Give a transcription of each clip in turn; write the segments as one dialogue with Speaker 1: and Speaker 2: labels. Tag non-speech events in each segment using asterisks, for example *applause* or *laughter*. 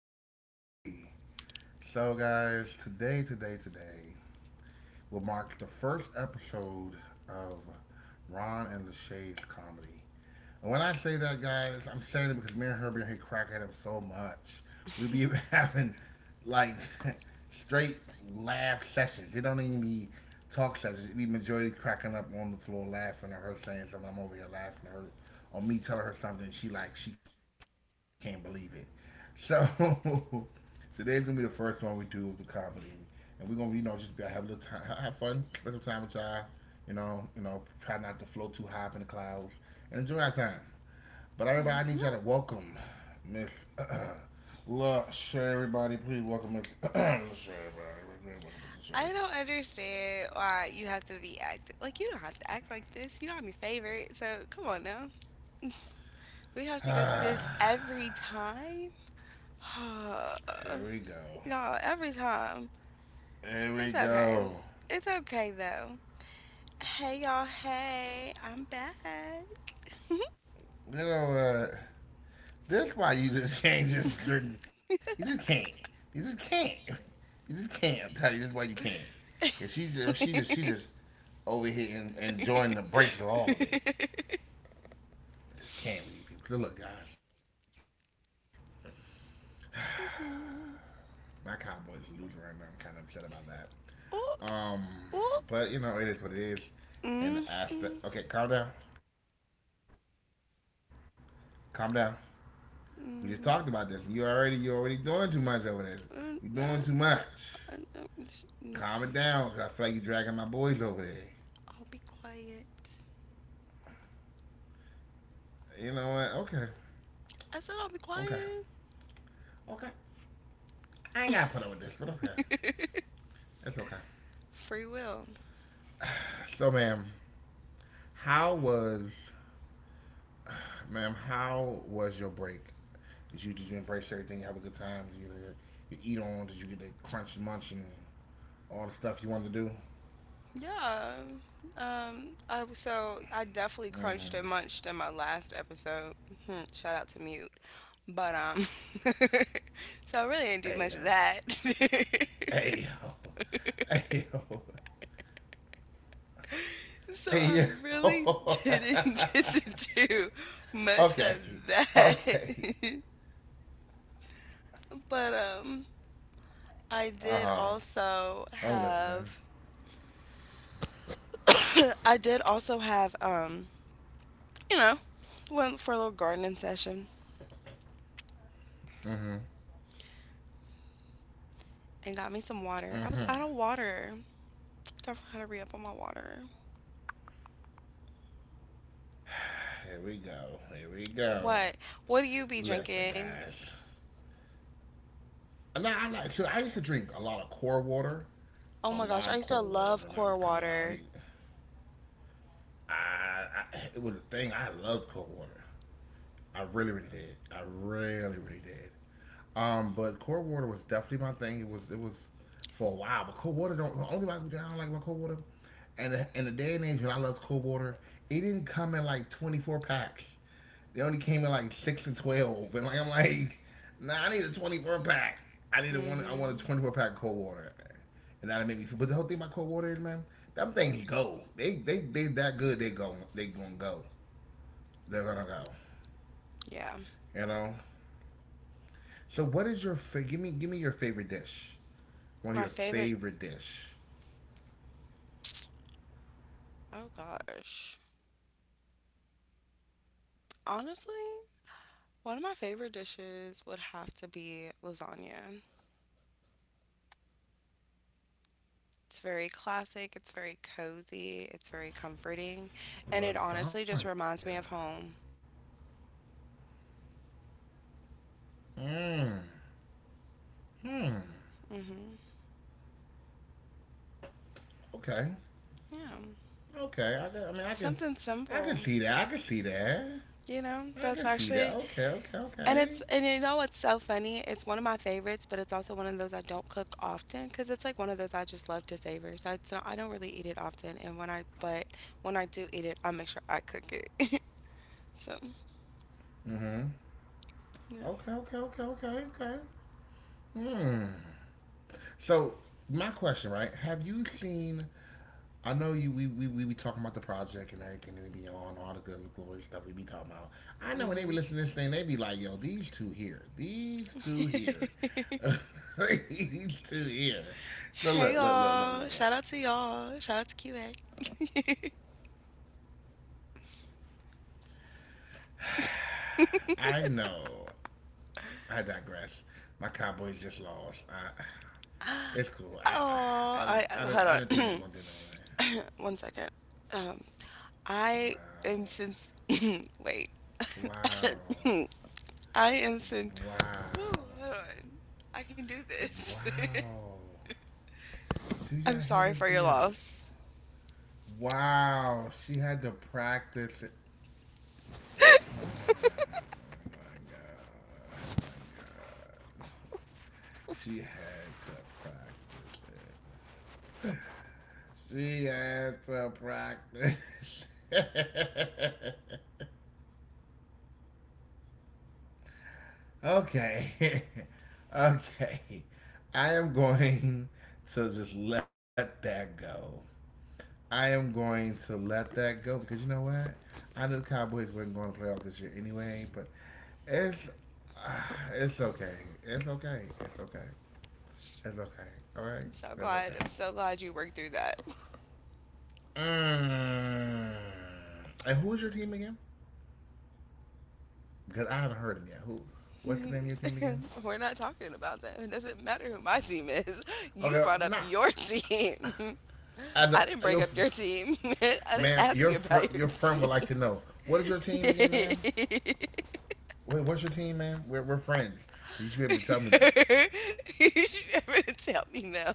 Speaker 1: everybody. So, guys, today will mark the first episode of Ron and the Shades comedy. And when I say that, guys, I'm saying it because me and Herbie are here cracking up so much. We be having like *laughs* straight laugh sessions. They don't even be talk sessions. It be majority cracking up on the floor, laughing at her saying something. I'm over here laughing at her, or me telling her something. She like she can't believe it. So *laughs* today's gonna be the first one we do with the comedy, and we're gonna just be, have a little time, have fun, spend some time with y'all. Try not to float too high up in the clouds, and enjoy our time. But everybody, I need y'all to
Speaker 2: Mm-hmm.
Speaker 1: welcome Miss *clears throat* La Shay. Everybody, please welcome Miss *clears throat* La Shay. Everybody, welcome Miss Shay.
Speaker 2: I don't understand why you have to be active. Like, you don't have to act like this. You know I'm your favorite. So, come on now. We have to go through
Speaker 1: *sighs*
Speaker 2: this every time.
Speaker 1: Here
Speaker 2: *sighs*
Speaker 1: we go.
Speaker 2: Y'all, every time.
Speaker 1: Here we
Speaker 2: It's okay.
Speaker 1: go.
Speaker 2: It's okay, though. Hey, y'all. Hey, I'm back. *laughs*
Speaker 1: You know what? Uh, This why you just can't just drink. You just can't. You just can't. You just can't. I'm telling you, this is why you can't. Cause she's just over here and enjoying the breaks of all of it.
Speaker 2: Mm-hmm.
Speaker 1: Just can't believe people. So look, guys, my Cowboys are losing right now. I'm kind of upset about that. Um,
Speaker 2: Oh.
Speaker 1: but it is what
Speaker 2: Oh.
Speaker 1: it is. And the aspect, okay, calm down,
Speaker 2: Mm-hmm.
Speaker 1: calm down. We just talked about this. You already doing too much over this.
Speaker 2: Mm-hmm.
Speaker 1: You doing too much. Calm it down, cause I feel like you dragging my boys over there.
Speaker 2: Okay. I'll be quiet.
Speaker 1: You know what? Okay, okay,
Speaker 2: I said
Speaker 1: okay.
Speaker 2: I'll be quiet.
Speaker 1: I ain't gotta put up with this, but okay, it's okay.
Speaker 2: *laughs* Free
Speaker 1: So,
Speaker 2: will.
Speaker 1: ma'am, how was, ma'am, how was your break? Did you embrace everything? You have a good time? Did you get you eat on? Did you get to crunch and munch and all the stuff you wanted to do?
Speaker 2: Yeah. I so I
Speaker 1: Mm-hmm.
Speaker 2: definitely crunched and munched in my last episode. Hmm, shout out to mute. But *laughs*
Speaker 1: Ayo.
Speaker 2: so I really didn't do much of that.
Speaker 1: Ayo.
Speaker 2: *laughs*
Speaker 1: Ayo. Ayo.
Speaker 2: So I really didn't *laughs* get
Speaker 1: *laughs*
Speaker 2: to
Speaker 1: okay.
Speaker 2: do much
Speaker 1: Okay.
Speaker 2: of that. *laughs* But
Speaker 1: Uh huh.
Speaker 2: I did
Speaker 1: I'm listening.
Speaker 2: also have I did also have you know, went for a little gardening session
Speaker 1: Mm hmm.
Speaker 2: and got me
Speaker 1: Mm
Speaker 2: some
Speaker 1: hmm. Here
Speaker 2: water. I was out of water. Definitely had to re up on my water.
Speaker 1: we go. Here we go.
Speaker 2: What? What do you be
Speaker 1: Listen,
Speaker 2: drinking?
Speaker 1: guys. Now, I like, so I used to drink a lot of core water. A
Speaker 2: Oh
Speaker 1: lot
Speaker 2: my
Speaker 1: of
Speaker 2: gosh, I
Speaker 1: core
Speaker 2: used to
Speaker 1: water when I
Speaker 2: love
Speaker 1: was
Speaker 2: core
Speaker 1: coming out.
Speaker 2: water.
Speaker 1: It was a thing. I loved core water. I really, really did. I really, really did. But cold water was definitely my thing. It was for a while. But cold water don't, the only thing I don't like about cold water. And in the day and age when I loved cold water, it didn't come in like 24 pack. They only came in like 6 and 12. And like I'm like, nah, I need a 24 pack. I need a one. I want a
Speaker 2: Mm-hmm.
Speaker 1: 24 pack of cold water. And that made me feel. But the whole thing about cold water is, man, them things go. They that good. They go. They gonna go. They're gonna go.
Speaker 2: Yeah.
Speaker 1: You know. So what is your give me your favorite dish? One of
Speaker 2: My
Speaker 1: your
Speaker 2: favorite
Speaker 1: favorite dish.
Speaker 2: Oh, gosh. Honestly, one of my favorite dishes would have to be lasagna. It's very classic, it's very cozy, it's very comforting, and it honestly just
Speaker 1: Lasagna.
Speaker 2: reminds me of home.
Speaker 1: Hmm. Hmm.
Speaker 2: Mm-hmm.
Speaker 1: Okay.
Speaker 2: Yeah.
Speaker 1: Okay. I mean,
Speaker 2: Something
Speaker 1: I can
Speaker 2: simple.
Speaker 1: see that. I can see that.
Speaker 2: You know,
Speaker 1: I
Speaker 2: that's
Speaker 1: can see that.
Speaker 2: actually,
Speaker 1: Okay. Okay.
Speaker 2: and
Speaker 1: Okay.
Speaker 2: it's, and you know what's so funny? It's one of my favorites, but it's also one of those I don't cook often because it's like one of those I just love to savor. So it's not, I don't really eat it often. But when I do eat it, I make sure I cook it. *laughs* So,
Speaker 1: Mm-hmm.
Speaker 2: yeah.
Speaker 1: Okay. Okay. Okay. Okay. Okay. Hmm. So my question, right? Have you seen I know you. We be talking about the project and everything, and we be on all the good and glory stuff we be talking about. I know when they be
Speaker 2: Hmm.
Speaker 1: listening to this thing, they be like, "Yo, these two
Speaker 2: *laughs*
Speaker 1: here, *laughs* these two here." So
Speaker 2: Hey,
Speaker 1: look, look, look, look,
Speaker 2: y'all.
Speaker 1: look. Right,
Speaker 2: Shout out to y'all. Shout out to QA. *laughs*
Speaker 1: I know. I digress. My Cowboys just lost. It's cool.
Speaker 2: Oh,
Speaker 1: I, I, I didn't, I didn't,
Speaker 2: hold
Speaker 1: I didn't think we was
Speaker 2: on.
Speaker 1: gonna do nothing, man.
Speaker 2: *clears throat* One second. Um, I am since, *laughs* *clears throat* wait. *coughs*
Speaker 1: Wow,
Speaker 2: I am since
Speaker 1: wow, wow,
Speaker 2: *sighs* woo, hold on. I can do this.
Speaker 1: wow. Do
Speaker 2: *laughs* I'm
Speaker 1: y'all hear
Speaker 2: sorry
Speaker 1: this
Speaker 2: for your
Speaker 1: BS?
Speaker 2: loss.
Speaker 1: Wow, she had to practice it. *sighs* Oh my god. Oh my god. She had to practice it. She had to practice it. *laughs* okay. *laughs* okay. I am going to just let that go. I am going to let that go because you know what? I knew the Cowboys weren't going to playoffs this year anyway, but it's *sighs* uh, it's okay. It's okay. It's okay. It's okay. All right,
Speaker 2: I'm so
Speaker 1: it's
Speaker 2: glad. I'm
Speaker 1: okay.
Speaker 2: so glad you worked through that.
Speaker 1: Mm. And who is your team again? Because I haven't heard them yet. Who? What's the name of your team again?
Speaker 2: *laughs* We're not talking about that. It doesn't matter who my team is. You
Speaker 1: Okay,
Speaker 2: brought
Speaker 1: I'm
Speaker 2: up
Speaker 1: not.
Speaker 2: your team. *laughs*
Speaker 1: As
Speaker 2: I didn't break
Speaker 1: your,
Speaker 2: up your team. *laughs* I didn't
Speaker 1: ma'am,
Speaker 2: ask
Speaker 1: your
Speaker 2: you about your
Speaker 1: your friend would
Speaker 2: team.
Speaker 1: like to know what is your team again,
Speaker 2: *laughs*
Speaker 1: ma'am?
Speaker 2: You
Speaker 1: Wait, what's your team, ma'am? We're friends, so you should be able to tell me this.
Speaker 2: should never *laughs* tell me no.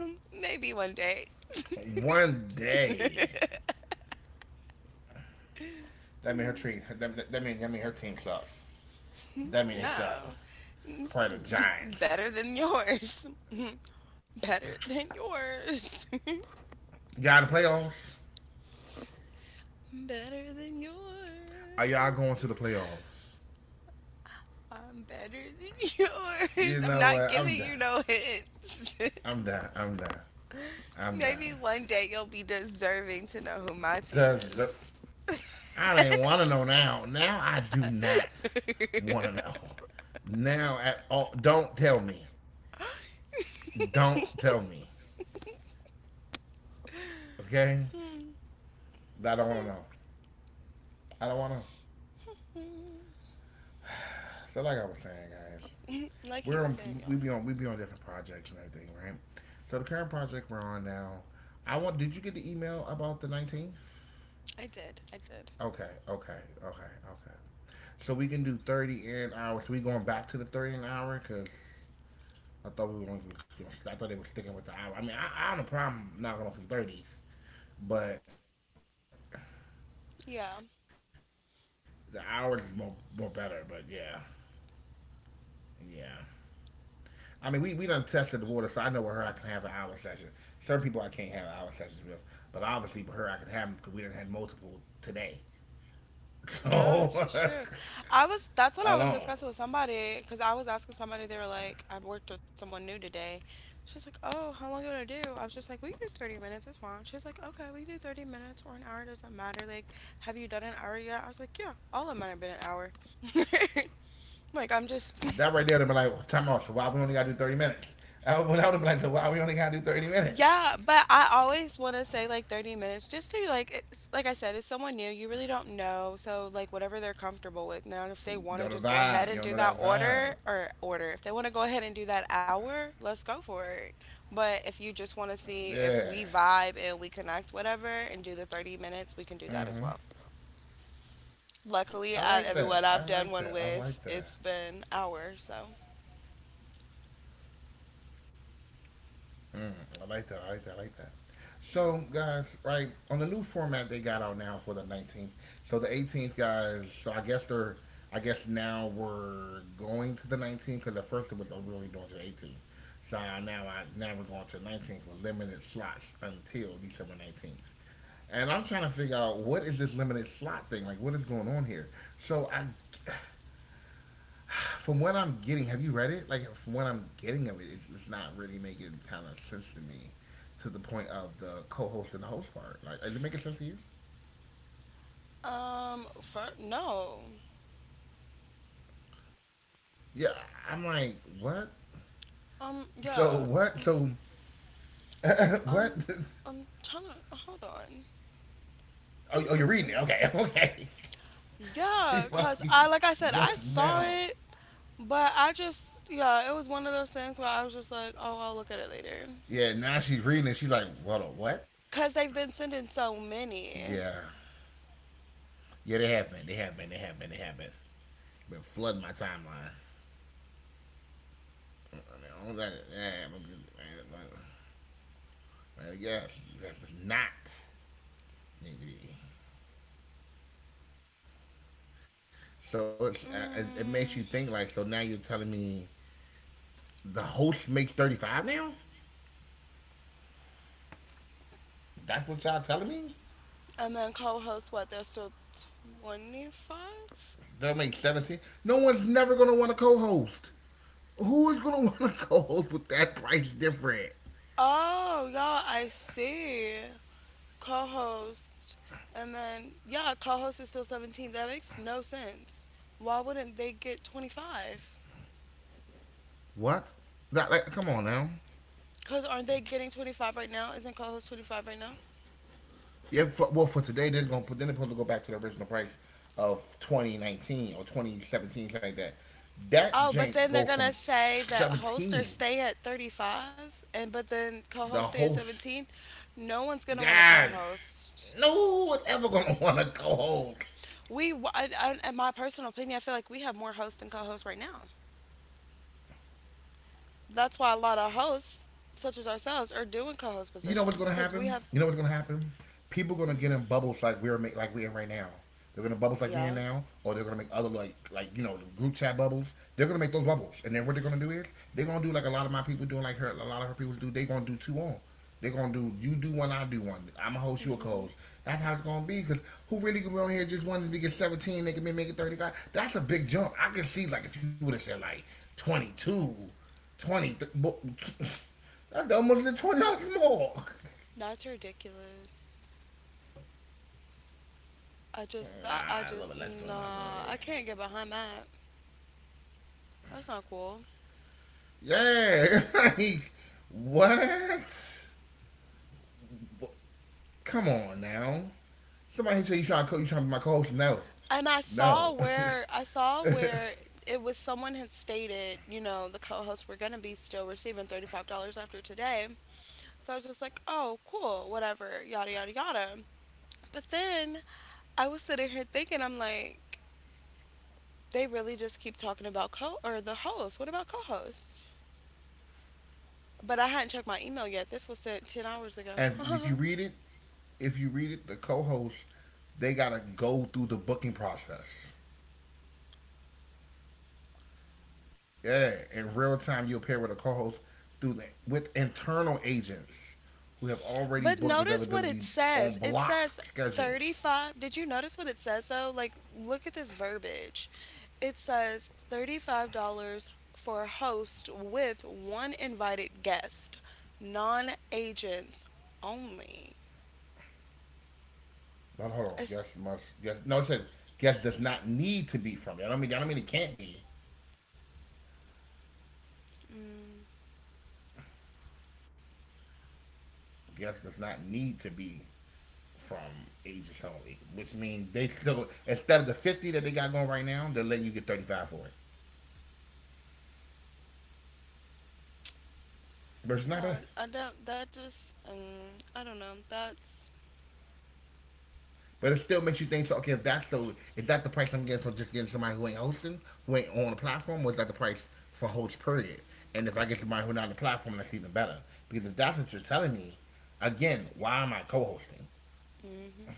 Speaker 2: Maybe one day.
Speaker 1: One day, that mean her team. That mean her team sucks. That mean they suck.
Speaker 2: No. *laughs*
Speaker 1: Probably the Giants.
Speaker 2: Better than yours. *laughs* Better than yours. *laughs*
Speaker 1: Y'all in the playoffs?
Speaker 2: Better than yours.
Speaker 1: Are y'all going to the playoffs?
Speaker 2: I'm better than *laughs*
Speaker 1: You
Speaker 2: yours. I'm
Speaker 1: know
Speaker 2: not
Speaker 1: what? I'm
Speaker 2: giving
Speaker 1: done.
Speaker 2: you no hints.
Speaker 1: I'm done. I'm done.
Speaker 2: *laughs*
Speaker 1: I'm
Speaker 2: Maybe
Speaker 1: done.
Speaker 2: one day you'll be deserving to know who my team
Speaker 1: Does the
Speaker 2: is.
Speaker 1: I don't want to know now. Now I do not want to know. Now at all. Don't tell me. Don't tell me. Okay? I don't want to know. I don't want to know.
Speaker 2: *laughs*
Speaker 1: So like I was saying, guys,
Speaker 2: *laughs* Like he
Speaker 1: we're
Speaker 2: was
Speaker 1: on
Speaker 2: saying,
Speaker 1: we
Speaker 2: y'all.
Speaker 1: be on we be on different projects and everything, right? So the current project we're on now, I want. Did you get the email about the 19th?
Speaker 2: I did. I did.
Speaker 1: Okay, okay, okay, okay. So we can do 30 an hour. So we going back to the 30 an hour because I thought we were going to. I thought they were sticking with the hour. I mean, I don't have a problem knocking on some thirties, but the hours
Speaker 2: Yeah.
Speaker 1: is more better. But yeah, yeah. I mean, we done tested the water, so I know with her I can have an hour session. Certain people I can't have hour sessions with, but obviously with her I can have them because we done had multiple today. So
Speaker 2: Yeah, it's just true.
Speaker 1: *laughs* alone,
Speaker 2: I was That's what I was discussing with somebody because I was asking somebody. They were like, "I worked with someone new today." She's like, "Oh, how long you gonna do?" I was just like, "We can do 30 minutes. It's fine." She's like, "Okay, we can do 30 minutes or an hour. Doesn't matter. Like, have you done an hour yet?" I was like, "Yeah, all of mine have been an hour." *laughs* Like, I'm just *laughs*
Speaker 1: that right there, they be like, well, time out. So why we only gotta do 30 minutes? *laughs* I would have been like, so why we only gotta do 30 minutes?
Speaker 2: yeah, but I always want to say like 30 minutes just to like it's, like I said, it's someone new. You really don't know. So like whatever they're comfortable with. Now if
Speaker 1: Don't know
Speaker 2: they
Speaker 1: the
Speaker 2: want to
Speaker 1: vibe.
Speaker 2: just
Speaker 1: You
Speaker 2: go
Speaker 1: don't know
Speaker 2: ahead
Speaker 1: that
Speaker 2: and do that
Speaker 1: vibe.
Speaker 2: order or order. If they want to go ahead and do that hour, let's go for it. But if you just want to see if
Speaker 1: Yeah.
Speaker 2: we vibe and we connect whatever and do the 30 minutes, we can do that as
Speaker 1: Mm-hmm.
Speaker 2: well.
Speaker 1: I like
Speaker 2: Luckily,
Speaker 1: that.
Speaker 2: I,
Speaker 1: I like
Speaker 2: everyone
Speaker 1: that.
Speaker 2: I've
Speaker 1: I
Speaker 2: done
Speaker 1: like
Speaker 2: one
Speaker 1: that.
Speaker 2: with, it's been hour, so.
Speaker 1: Mm, I like that. I like that. I like that. So, guys, right on the new format they got out now for the 19th. So the 18th, guys. So I guess they're. I guess now we're going to the 19th because at first it was oh, we were only doing to the 18th. So now we're going to the 19th with limited slots until December 19th. And I'm trying to figure out what is this limited slot thing? Like, what is going on here? So from what I'm getting, have you read it? Like from what I'm getting of it, it's not really making kind of sense to me, to the point of the co-host and the host part. Like, is it making sense to you?
Speaker 2: For no.
Speaker 1: Yeah, I'm like, what?
Speaker 2: Um,
Speaker 1: So
Speaker 2: yeah.
Speaker 1: what? So what?
Speaker 2: I'm
Speaker 1: *laughs*
Speaker 2: I'm trying to hold on.
Speaker 1: Oh,
Speaker 2: Where's
Speaker 1: oh, you're
Speaker 2: this
Speaker 1: reading
Speaker 2: email?
Speaker 1: it. Okay, okay. *laughs*
Speaker 2: Yeah,
Speaker 1: She
Speaker 2: cause
Speaker 1: must be
Speaker 2: I like I said I
Speaker 1: just
Speaker 2: saw
Speaker 1: now.
Speaker 2: it, but I just yeah it was one of those things where I was just like oh I'll look at it later,
Speaker 1: Yeah, now she's reading it. She's like, what a what?
Speaker 2: cause they've been sending so many.
Speaker 1: Yeah, yeah, they have been flooding my timeline. I mean, I don't like it. Yeah, I'm. Well, yes, that does not need to be. So it's it makes you
Speaker 2: Mm,
Speaker 1: think like. So now you're telling me the host makes 35 now? That's what y'all telling me?
Speaker 2: and then co-host what there's still 25.
Speaker 1: They'll make 17. No one's never gonna want to co-host. Who is gonna *laughs* want to co-host with that price different?
Speaker 2: Oh, y'all, I see co-host, and then yeah co-host is still 17. That makes no sense. Why wouldn't they get 25?
Speaker 1: What? That like, come on now.
Speaker 2: Because aren't they getting 25 right now? Isn't co host 25 right now?
Speaker 1: Yeah. For, well, for today, they're gonna put. Then they're supposed to go back to the original price of 2019 or 2017, like that. That
Speaker 2: Oh, but
Speaker 1: jank
Speaker 2: then they're
Speaker 1: go
Speaker 2: going to
Speaker 1: from
Speaker 2: say that
Speaker 1: 17.
Speaker 2: hosters stay at 35, and but then co
Speaker 1: The
Speaker 2: host stay at
Speaker 1: host
Speaker 2: 17. No one's going to want to co
Speaker 1: God,
Speaker 2: host.
Speaker 1: no one's ever gonna want to co-host.
Speaker 2: We, w- I- In my personal opinion, I feel like we have more hosts than co hosts right now. That's why a lot of hosts, such as
Speaker 1: You know
Speaker 2: ourselves,
Speaker 1: what's
Speaker 2: are
Speaker 1: gonna
Speaker 2: doing co
Speaker 1: happen?
Speaker 2: host
Speaker 1: You know what's gonna
Speaker 2: positions because
Speaker 1: happen?
Speaker 2: we have,
Speaker 1: People gonna get in bubbles like we're
Speaker 2: mm,
Speaker 1: like we're in right now. They're gonna bubbles like we're in now, or
Speaker 2: yeah.
Speaker 1: they're gonna make other like you know the group chat bubbles. They're gonna make those bubbles, and then what they're gonna do is they're gonna do like a lot of my people doing, like her a lot of her people do. They're gonna do two on. They're gonna do you do one, I do one. I'm a host, you a co-host.
Speaker 2: Hmm.
Speaker 1: That's how it's gonna be. Cause who really can be on here just wanting to get 17? They can be making 35. That's a big jump. I can see like if you would have said like 22, 20, but *laughs* that's almost the $20 more. *laughs*
Speaker 2: That's ridiculous. I just, I
Speaker 1: Nah,
Speaker 2: I
Speaker 1: a little bit
Speaker 2: just,
Speaker 1: less than $20 more.
Speaker 2: nah, I can't get behind that. That's not cool.
Speaker 1: Yeah, yeah. *laughs* like what? Come on now. Somebody here say you trying to be my co-host? No,
Speaker 2: And I saw
Speaker 1: no.
Speaker 2: where I saw
Speaker 1: *laughs* and
Speaker 2: where it was someone had stated, you know, the co-hosts were gonna be still receiving $35 after today. So I was just like, oh, cool, whatever, yada yada yada. But then I was sitting here thinking, I'm like, they really just keep talking about co or the host. What about co-hosts? But I hadn't checked my email yet. This was sent 10 hours ago.
Speaker 1: if you
Speaker 2: *laughs*
Speaker 1: read it, if you read it, the co-host they gotta go through the booking process. Yeah, in real time, you'll pair with a co-host through with internal agents who have already
Speaker 2: But
Speaker 1: booked
Speaker 2: notice what it
Speaker 1: availability on
Speaker 2: says. It says
Speaker 1: blocked schedules.
Speaker 2: 35. Did you notice what it says though? Like, look at this verbiage. It says $35 for a host with one invited guest, non agents only.
Speaker 1: But hold on,
Speaker 2: It's,
Speaker 1: guest must guest. No, it said guest does not need to be from. I don't mean it can't be.
Speaker 2: mm,
Speaker 1: Guest does not need to be from agents only, which means they could instead of the 50 that they got going right now, they'll let you get 35 for it. But it's not bad.
Speaker 2: I don't, that just, I don't know.
Speaker 1: But it still makes you think. So okay, if that's so, is that the price I'm getting for just getting somebody who ain't hosting, who ain't on the platform, or is that the price for host period? And if I get somebody who's not on the platform, that's even better. Because if that's what you're telling me, again, why am I co-hosting?
Speaker 2: Mm-hmm.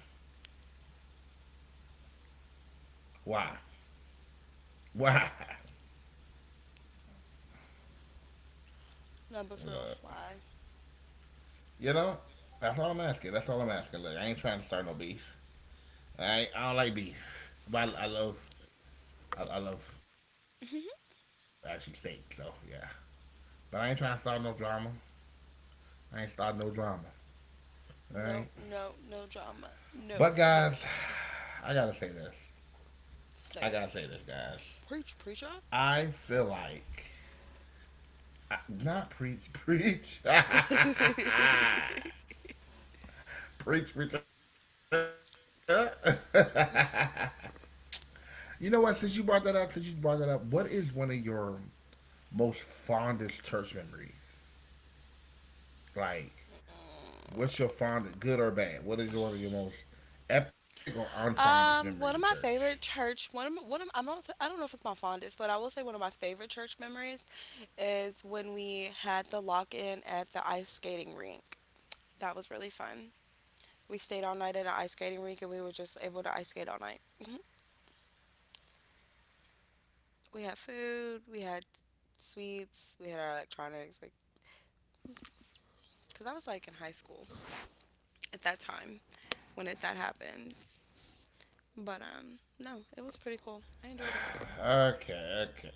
Speaker 1: Why? Why?
Speaker 2: No, but for
Speaker 1: *laughs*
Speaker 2: real,
Speaker 1: Look,
Speaker 2: why?
Speaker 1: you know, that's all I'm asking. That's all I'm asking. Look, I ain't trying to start no beef. All right, I don't like beef, but I love actually steak. So
Speaker 2: *laughs*
Speaker 1: yeah, but I ain't trying to start no drama. I ain't starting no drama. All right.
Speaker 2: No, no, no
Speaker 1: But
Speaker 2: drama.
Speaker 1: guys,
Speaker 2: No, no.
Speaker 1: I gotta say this. I gotta say this,
Speaker 2: Say it.
Speaker 1: guys.
Speaker 2: Preach, preacher.
Speaker 1: I feel like not preach, preach,
Speaker 2: *laughs*
Speaker 1: *laughs* preach, preach. *laughs* You know what? Since you brought that up, what is one of your most fondest church memories? Like, what's your fondest, good or bad? What is one of your most epic or unfondest memories of
Speaker 2: One of my
Speaker 1: church?
Speaker 2: favorite church, one of my, one of I'm not, I don't know if it's my fondest, but I will say one of my favorite church memories is when we had the lock-in at the ice skating rink. That was really fun. We stayed all night at an ice skating rink and we were just able to ice skate all night. Mhm. We had food, we had sweets, we had our electronics, like, cause I was like in high school at that time when it that happened. But no, it was pretty cool. I enjoyed it.
Speaker 1: Okay, okay.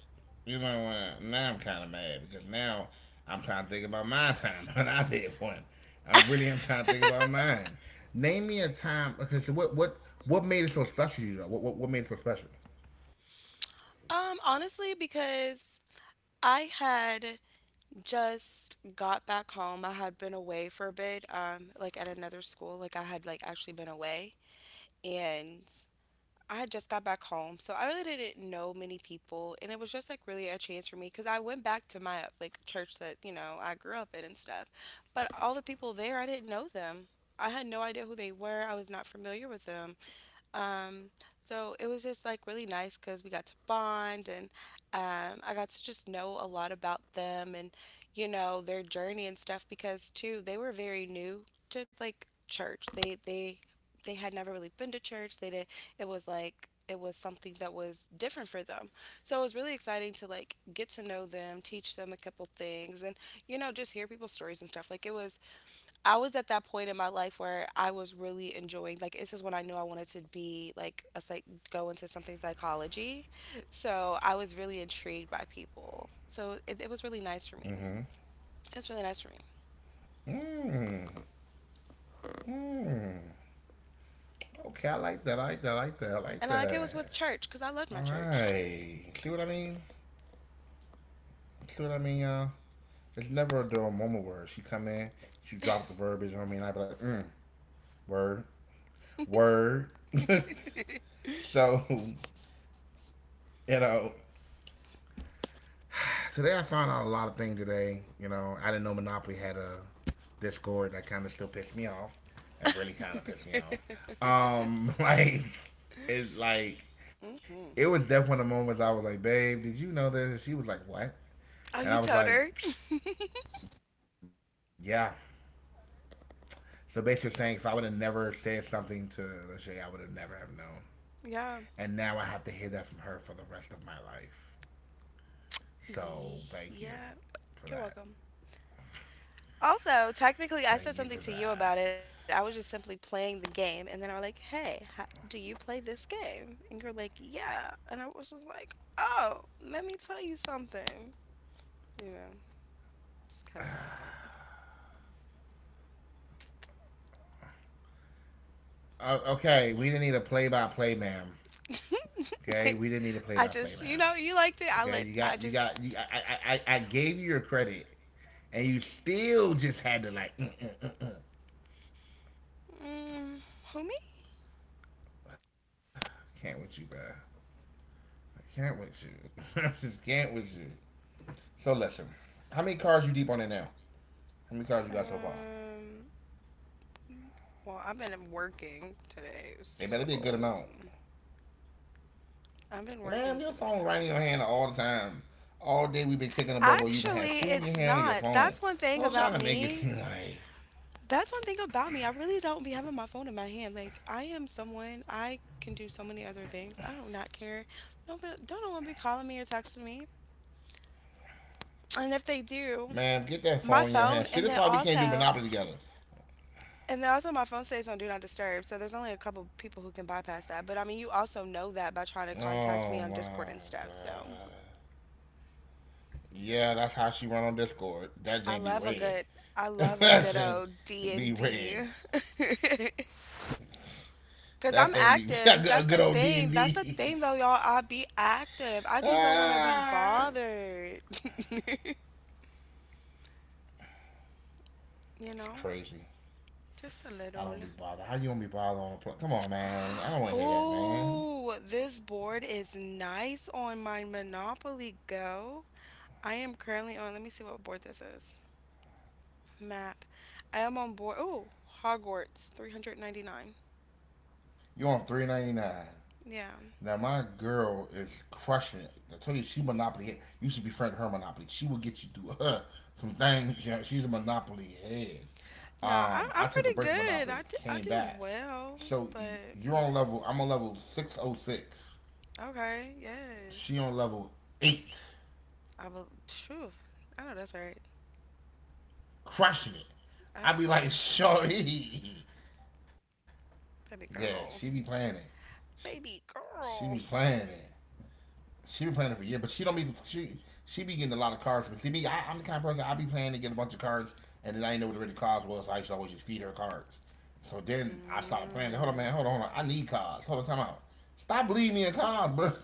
Speaker 1: You know what? Now I'm kind of mad because now I'm trying to think about my *laughs* time when I did one. I really am trying to think about mine. Name me a time. Okay, so what made it so special to you though? What made it so special?
Speaker 2: Honestly, because I had just got back home. I had been away for a bit, like at another school. Like I had like actually been away and I had just got back home. So I really didn't know many people and it was just like really a chance for me because I went back to my like church that, you know, I grew up in and stuff. But all the people there, I didn't know them. I had no idea who they were. I was not familiar with them. Um, so it was just like really nice because we got to bond and I got to just know a lot about them and, you know, their journey and stuff because too, they were very new to like church. They had never really been to church. They did, it was like, it was something that was different for them. So it was really exciting to like get to know them, teach them a couple things and, you know, just hear people's stories and stuff. Like it was I was at that point in my life where I was really enjoying like this is when I knew I wanted to be like a psych go into something psychology. So I was really intrigued by people. So it was really nice for me. It was really nice for me.
Speaker 1: Mm, okay, I like that. I like that. I like that. I like
Speaker 2: And I like it was
Speaker 1: that.
Speaker 2: with church because I loved my
Speaker 1: All
Speaker 2: church.
Speaker 1: right. See what I mean? See what I mean, y'all? It's never a dull moment where she come in, she drop the verbiage on me, and I be like, mm, word, word. *laughs* so You know, today I found out a lot of things today. You know, I didn't know Monopoly had a Discord. That kind of still pissed me off. That really kind of
Speaker 2: *laughs*
Speaker 1: pissed me off. *laughs* Like like
Speaker 2: Hmm.
Speaker 1: it was definitely one of the moments I was like, "Babe, did you know this?" And she was like, "What?"
Speaker 2: Oh,
Speaker 1: And
Speaker 2: you
Speaker 1: I was
Speaker 2: told
Speaker 1: like,
Speaker 2: her? *laughs*
Speaker 1: "Yeah." So basically saying, if I would have never said something to Lachey, I would have never have known. And
Speaker 2: Yeah.
Speaker 1: now I have to hear that from her for the rest of my life. So
Speaker 2: Ye-
Speaker 1: thank you
Speaker 2: Yeah.
Speaker 1: for
Speaker 2: You're
Speaker 1: that.
Speaker 2: welcome. Also, technically, I said something
Speaker 1: Thank
Speaker 2: to
Speaker 1: you
Speaker 2: you
Speaker 1: for
Speaker 2: about it. I was
Speaker 1: that.
Speaker 2: just simply playing the game, and then I was like, "Hey, ha do you play this game?" And you're like, "Yeah," and I was just like, "Oh, let me tell you something." You know, it's kind of how it
Speaker 1: Okay, we didn't need a play-by-play, ma'am. Okay,
Speaker 2: went.
Speaker 1: we didn't need a
Speaker 2: *laughs*
Speaker 1: play-by-play,
Speaker 2: You
Speaker 1: ma'am.
Speaker 2: know, you liked it. I
Speaker 1: Okay,
Speaker 2: let,
Speaker 1: you
Speaker 2: I
Speaker 1: got, you
Speaker 2: just,
Speaker 1: got, you. I gave you your credit, and you still just had to like.
Speaker 2: mm, who me?
Speaker 1: I can't with you, bro. I can't with you. *laughs* I just can't with you. So listen, how many cars you deep on it now? How many cars you got so far?
Speaker 2: Um, well, I've been working today,
Speaker 1: They
Speaker 2: so
Speaker 1: better be a good amount.
Speaker 2: I've been working
Speaker 1: Ma'am, your
Speaker 2: today.
Speaker 1: phone right in your
Speaker 2: Um,
Speaker 1: hand all the time. All day we've been kicking a bubble. You've been
Speaker 2: Actually,
Speaker 1: had food in your
Speaker 2: it's
Speaker 1: hand on your
Speaker 2: not.
Speaker 1: phone.
Speaker 2: That's one thing
Speaker 1: Don't try
Speaker 2: about
Speaker 1: to make it *laughs*
Speaker 2: me.
Speaker 1: seem like
Speaker 2: That's one thing about me. I really don't be having my phone in my hand. Like I am someone I can do so many other things. I don't not care. No, but don't no one be calling me or texting me. And if they do,
Speaker 1: Man, get that phone in
Speaker 2: my
Speaker 1: your hand.
Speaker 2: phone.
Speaker 1: See, that's
Speaker 2: And
Speaker 1: why
Speaker 2: then
Speaker 1: we can't do
Speaker 2: also,
Speaker 1: Monopoly together.
Speaker 2: and then also my phone stays on do not disturb. So there's only a couple people who can bypass that. But I mean, you also know that by trying to contact me
Speaker 1: Oh
Speaker 2: on
Speaker 1: my
Speaker 2: Discord and stuff. So
Speaker 1: god. Yeah, that's how she run on Discord. That
Speaker 2: I
Speaker 1: thing be
Speaker 2: love a
Speaker 1: red.
Speaker 2: good. I
Speaker 1: *laughs*
Speaker 2: love a
Speaker 1: That
Speaker 2: good
Speaker 1: thing
Speaker 2: old D and
Speaker 1: be
Speaker 2: D.
Speaker 1: red.
Speaker 2: *laughs* Cause I'm
Speaker 1: That thing be *laughs*
Speaker 2: active.
Speaker 1: a
Speaker 2: That's the
Speaker 1: good old D
Speaker 2: thing.
Speaker 1: and
Speaker 2: That's the
Speaker 1: D.
Speaker 2: thing, though,
Speaker 1: *laughs*
Speaker 2: y'all. I be active. I just don't want to be
Speaker 1: Ah,
Speaker 2: bothered. *laughs* you
Speaker 1: it's
Speaker 2: know,
Speaker 1: crazy.
Speaker 2: just a
Speaker 1: I
Speaker 2: little.
Speaker 1: don't be bothered. How you gonna be bothered on a plug? Come on, man. I
Speaker 2: *gasps*
Speaker 1: don't want to hear that, man.
Speaker 2: Oh, this board is nice on my Monopoly Go. I am currently on. Let me see what board this is. Map. I am on board. Oh, Hogwarts 399.
Speaker 1: You on 399?
Speaker 2: Yeah.
Speaker 1: Now my girl is crushing it. I tell you, she monopoly head. You should befriend her monopoly. She will get you through some things. *laughs* You know, she's a monopoly head.
Speaker 2: No, I, I'm
Speaker 1: I took a
Speaker 2: pretty
Speaker 1: break from
Speaker 2: good.
Speaker 1: monopoly,
Speaker 2: I do, I
Speaker 1: came
Speaker 2: do
Speaker 1: back.
Speaker 2: well,
Speaker 1: So
Speaker 2: but
Speaker 1: are on level. I'm on level 606.
Speaker 2: okay,
Speaker 1: She
Speaker 2: yes.
Speaker 1: on level 8,
Speaker 2: I will. Phew, I know that's right.
Speaker 1: crushing it.
Speaker 2: I.
Speaker 1: I be
Speaker 2: s-
Speaker 1: like, *laughs* shorty.
Speaker 2: Baby
Speaker 1: Yeah, she be
Speaker 2: girl.
Speaker 1: playing it.
Speaker 2: Baby
Speaker 1: She be playing
Speaker 2: girl.
Speaker 1: it. She been playing it for a year, but she don't be she be getting a lot of cards from CB. I'm the kind of person I be playing to get a bunch of cards, and then I didn't know what the really cards was. So I used to always just feed her cards. So then I started playing. Hold on,
Speaker 2: Mm.
Speaker 1: man. Hold on. Hold on. I need cards. Hold on. Time out. Stop leaving me in cards, bro. *laughs*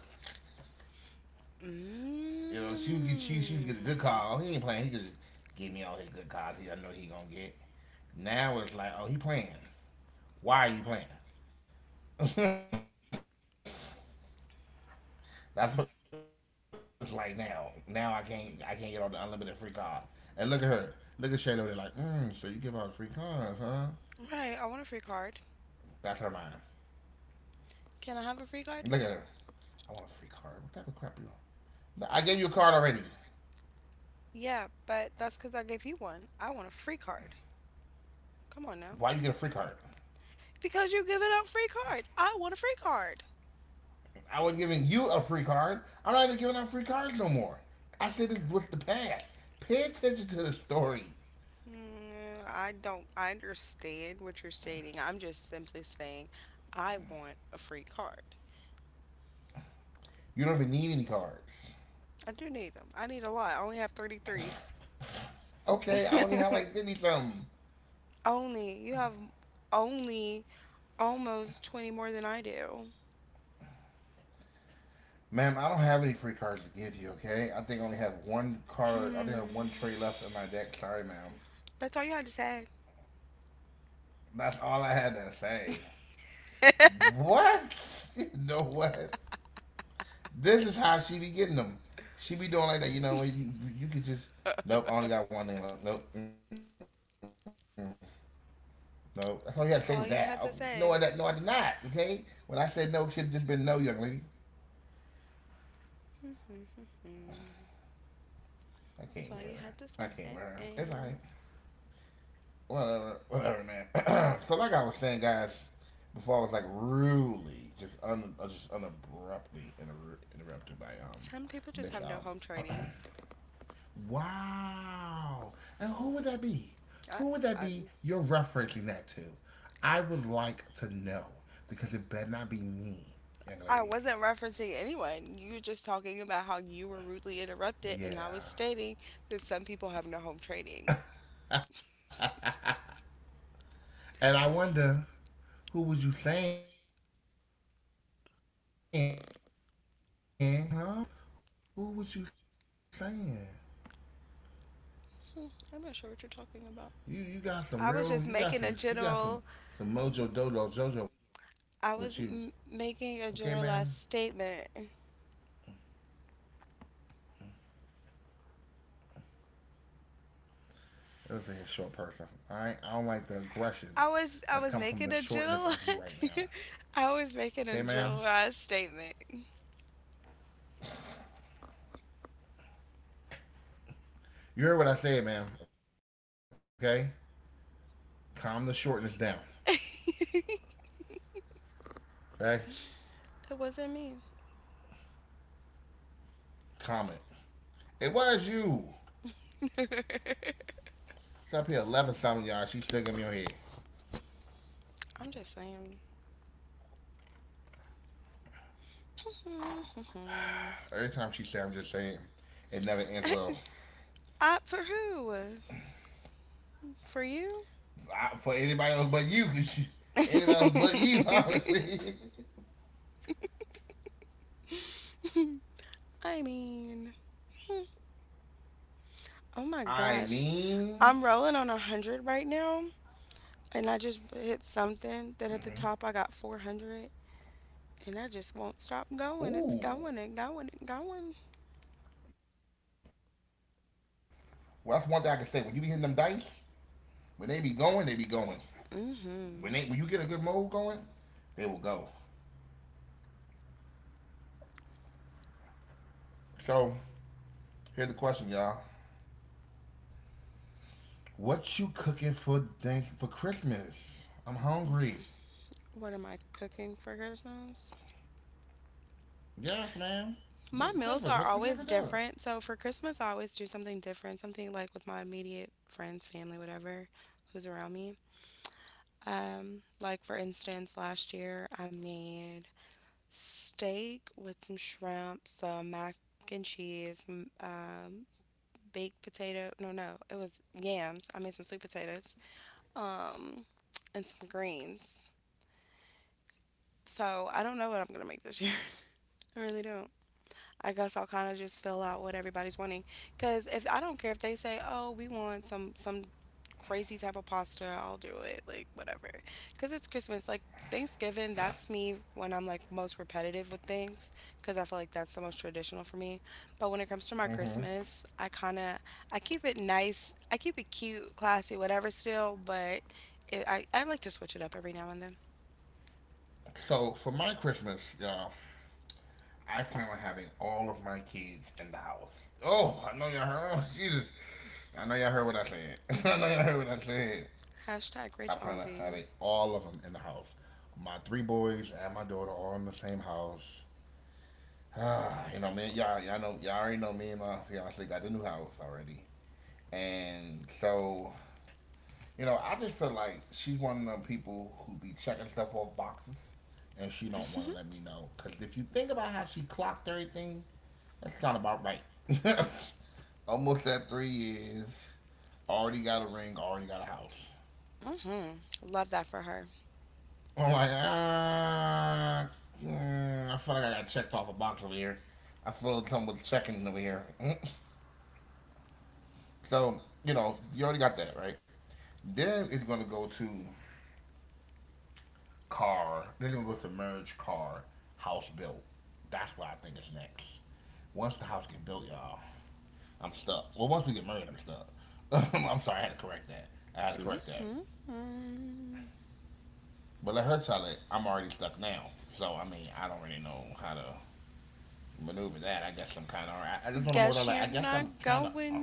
Speaker 2: Mm.
Speaker 1: You know she was get the good cards. He ain't playing. He could just give me all his good cards. He I know he gonna get. Now it's like, oh, he playing. Why are you playing? *laughs* That's what it's like now. Now I can't get all the unlimited free cards. And look at her. Look at Shayla. They're like, mm, so you give out free cards, huh?
Speaker 2: Right.
Speaker 1: That's
Speaker 2: I
Speaker 1: her
Speaker 2: want a
Speaker 1: mind.
Speaker 2: free card.
Speaker 1: Look at her.
Speaker 2: Can I have a free
Speaker 1: I
Speaker 2: card?
Speaker 1: want a free card. What type of crap you want? I gave you a card already.
Speaker 2: Yeah, but that's because I gave you one. I want a free card. Come on now.
Speaker 1: Why you get a free card?
Speaker 2: Because you giving out free cards. I want a free card.
Speaker 1: I was not giving you a free card. I'm not even giving out free cards no more. I said this was the past. Pay attention to the story.
Speaker 2: Mm, I don't. I understand what you're stating. I'm just simply saying I want a free card.
Speaker 1: You don't even need any cards.
Speaker 2: I do need them. I need a lot. I only have 33.
Speaker 1: Okay, I only have like
Speaker 2: *laughs*
Speaker 1: 50 something.
Speaker 2: Only. You have only almost 20 more than I do.
Speaker 1: Ma'am, I don't have any free cards to give you, okay? I think I only have one card. I think I
Speaker 2: Hmm.
Speaker 1: have one tray left in my deck. Sorry, ma'am.
Speaker 2: That's all you had to say.
Speaker 1: That's all I had to say.
Speaker 2: *laughs* That's
Speaker 1: What? *laughs* You know what? This is how she be getting them. She be doing like that. You know what? You could just, nope, I only got one thing left. Nope, mm-mm, nope. That's all you got to say with
Speaker 2: all
Speaker 1: that.
Speaker 2: you had
Speaker 1: Oh,
Speaker 2: to
Speaker 1: no,
Speaker 2: say.
Speaker 1: no, I did not, okay? When I said no, it should have just been no, young lady.
Speaker 2: *laughs* That's
Speaker 1: I can't
Speaker 2: all
Speaker 1: wear
Speaker 2: you had to
Speaker 1: her. I can't wear her. It's
Speaker 2: say.
Speaker 1: all right. Whatever, whatever, man. *clears throat* So like I was saying, guys, before I was like really just just unabruptly interrupted by
Speaker 2: Some people just
Speaker 1: Miss
Speaker 2: have no home training.
Speaker 1: *clears throat* Wow, and who would that be?
Speaker 2: I,
Speaker 1: Who would that
Speaker 2: I,
Speaker 1: be? You're referencing that to? I would like to know because it better not be me, young
Speaker 2: I
Speaker 1: lady.
Speaker 2: wasn't referencing anyone. You were just talking about how you were rudely interrupted, and
Speaker 1: Yeah.
Speaker 2: I was stating that some people have no home training.
Speaker 1: *laughs* And I wonder who was you saying when you said that, huh? Who was you saying?
Speaker 2: Hmm, I'm not sure what you're talking about. I was just making a
Speaker 1: You got
Speaker 2: general.
Speaker 1: some mojo dodo jojo with you.
Speaker 2: I was
Speaker 1: Okay, ma'am?
Speaker 2: making a generalized statement.
Speaker 1: That's a short person. Alright? I don't like the aggression that's coming from the
Speaker 2: I was
Speaker 1: shortness
Speaker 2: making
Speaker 1: of
Speaker 2: a
Speaker 1: you right
Speaker 2: general.
Speaker 1: now.
Speaker 2: *laughs* I was
Speaker 1: Okay,
Speaker 2: making
Speaker 1: ma'am?
Speaker 2: a generalized statement.
Speaker 1: You heard what I said, ma'am, okay? Calm the shortness down. Okay?
Speaker 2: It wasn't me.
Speaker 1: Calm it. It was you.
Speaker 2: *laughs* I'm
Speaker 1: Stop here 11 something y'all, she's still give me your head.
Speaker 2: just saying. *laughs*
Speaker 1: Every time she say I'm just saying it never ends
Speaker 2: I,
Speaker 1: well.
Speaker 2: for who? For you?
Speaker 1: For anybody else but you, *laughs* anybody else
Speaker 2: *laughs*
Speaker 1: but you, honestly. *laughs*
Speaker 2: I mean, hmm. Oh my
Speaker 1: I
Speaker 2: gosh.
Speaker 1: mean,
Speaker 2: I'm rolling on 100 right now, and I just hit something that at the top I got 400. And I just won't stop going. It's going
Speaker 1: ooh,
Speaker 2: and going and going.
Speaker 1: well, that's one thing I can say. When you be hitting them dice, when they be going, they be going. When you get a good move going,
Speaker 2: Mhm.
Speaker 1: they will go. So here's the question, y'all: what you cooking for dang for Christmas? I'm hungry.
Speaker 2: What am I cooking for Christmas?
Speaker 1: Yes, ma'am.
Speaker 2: My
Speaker 1: Christmas.
Speaker 2: meals
Speaker 1: What
Speaker 2: are
Speaker 1: you gonna
Speaker 2: always
Speaker 1: do?
Speaker 2: different. So for Christmas, I always do something different, something like with my immediate friends, family, whatever, who's around me. Like for instance, last year I made steak with some shrimp, some mac and cheese, baked potato. No, no, it was yams. I made some sweet potatoes, um, and some greens. So I don't know what I'm gonna make this year. *laughs* I really don't. I guess I'll kind of just fill out what everybody's wanting. Cause if I don't care if they say, "Oh, we want some crazy type of pasta," I'll do it. Like whatever. Cause it's Christmas. Like Thanksgiving, that's me when I'm like most repetitive with things. Cause I feel like that's the most traditional for me. But when it comes to my
Speaker 1: Mm-hmm.
Speaker 2: Christmas, I kind of I keep it nice. I keep it cute, classy, whatever. Still, but I like to switch it up every now and then.
Speaker 1: So for my Christmas, y'all, I plan on having all of my kids in the house. Oh, I know y'all heard. Oh, Jesus. I know y'all heard what I said. *laughs* I know y'all heard what I said.
Speaker 2: Hashtag rich
Speaker 1: I plan on
Speaker 2: auntie.
Speaker 1: having all of them in the house. My three boys and my daughter all in the same house. *sighs* Ah, you know, man, y'all know, y'all already know me and my fiance got the new house already, and so, you know, I just feel like she's one of them people who be checking stuff off boxes, and she don't want to let
Speaker 2: *laughs*
Speaker 1: me know. Cause if you think about how she clocked everything, that sound about right. *laughs* Almost at 3 years. Already got a ring. Already got a house.
Speaker 2: Hmm. Love that for her.
Speaker 1: I'm like, ah, mm, I feel like I got checked off a box over here. I feel like someone was checking over here. *laughs* so you know, you already got that right. Then it's gonna go to car. Then it's gonna go to marriage, car, house built. That's what I think is next. Once the house get built, y'all. I'm stuck. Well, once we get married, I'm stuck. *laughs* I'm sorry, I had to correct that. I had to correct that.
Speaker 2: Hmm.
Speaker 1: But let her tell it. I'm already stuck now. So I mean, I don't really know how to maneuver that. I guess I'm kind of. I just want to more
Speaker 2: Guess
Speaker 1: like.
Speaker 2: you're
Speaker 1: I guess I'm
Speaker 2: not
Speaker 1: kind of
Speaker 2: going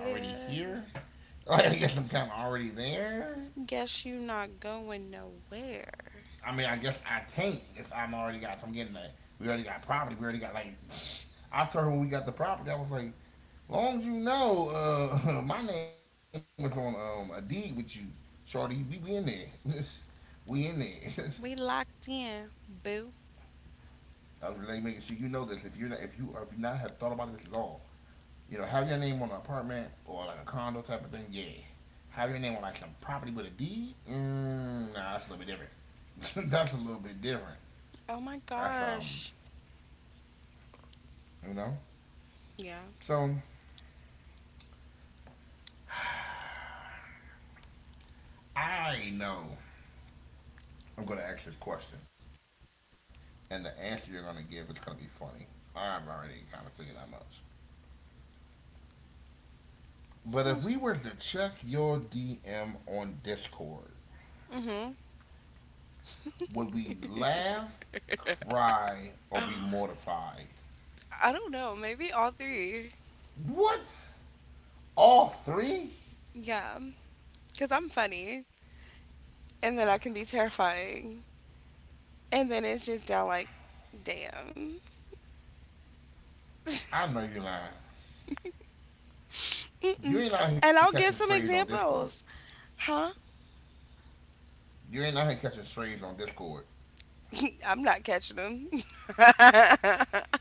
Speaker 1: already here. *laughs* Like, I guess I'm kind of already there.
Speaker 2: Guess you're not going nowhere.
Speaker 1: I mean, I guess I can't if I'm already got. If I'm getting a, we already got property. We already got like. *sniffs* I told her when we got the property, I was like, long as *laughs* my name is on a deed with you, Shorty. We in there. *laughs* We in there.
Speaker 2: We locked in, boo.
Speaker 1: *laughs* I was really making sure you know this. If you not have thought about this at all, have your name on an apartment or like a condo type of thing. Yeah, have your name on like some property with a deed. Nah, that's a little bit different. *laughs* That's a little bit different.
Speaker 2: Oh my
Speaker 1: That's
Speaker 2: gosh.
Speaker 1: you know.
Speaker 2: Yeah.
Speaker 1: So I know I'm going to ask this question, and the answer you're going to give is going to be funny. I've already kind of figured that much. But if we were to check your DM on Discord,
Speaker 2: Mm-hmm.
Speaker 1: would we laugh, cry, or be mortified?
Speaker 2: I don't know. Maybe all three.
Speaker 1: What? All three?
Speaker 2: Yeah. Because I'm funny. And then I can be terrifying. And then it's just down like, damn.
Speaker 1: I know you're lying.
Speaker 2: Mm-mm. And
Speaker 1: You
Speaker 2: I'll
Speaker 1: ain't
Speaker 2: give
Speaker 1: out
Speaker 2: some
Speaker 1: here catching strays on
Speaker 2: examples.
Speaker 1: Discord.
Speaker 2: Huh?
Speaker 1: You ain't out here catching strays on
Speaker 2: *laughs*
Speaker 1: Discord.
Speaker 2: I'm not catching them. *laughs*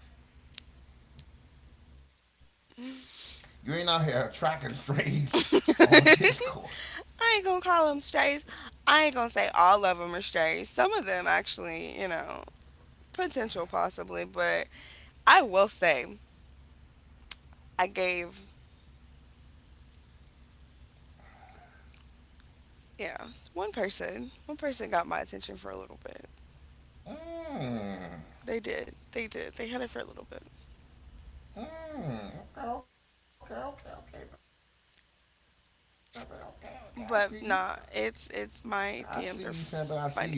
Speaker 1: You ain't out here *laughs* tracking strays on
Speaker 2: *laughs*
Speaker 1: Discord.
Speaker 2: I ain't gonna call them strays. I ain't gonna say all of them are strays. Some of them actually, you know, potential possibly, but I will say I gave, yeah, one person got my attention for a little bit. They did.
Speaker 1: Mmm.
Speaker 2: They did. They had it for a little bit.
Speaker 1: Mm, okay, okay, okay, okay, Pepper. Okay, okay. I see you.
Speaker 2: But nah,
Speaker 1: I see you, Pepper.
Speaker 2: it's
Speaker 1: I see you,
Speaker 2: my
Speaker 1: Pepper.
Speaker 2: DMs are funny.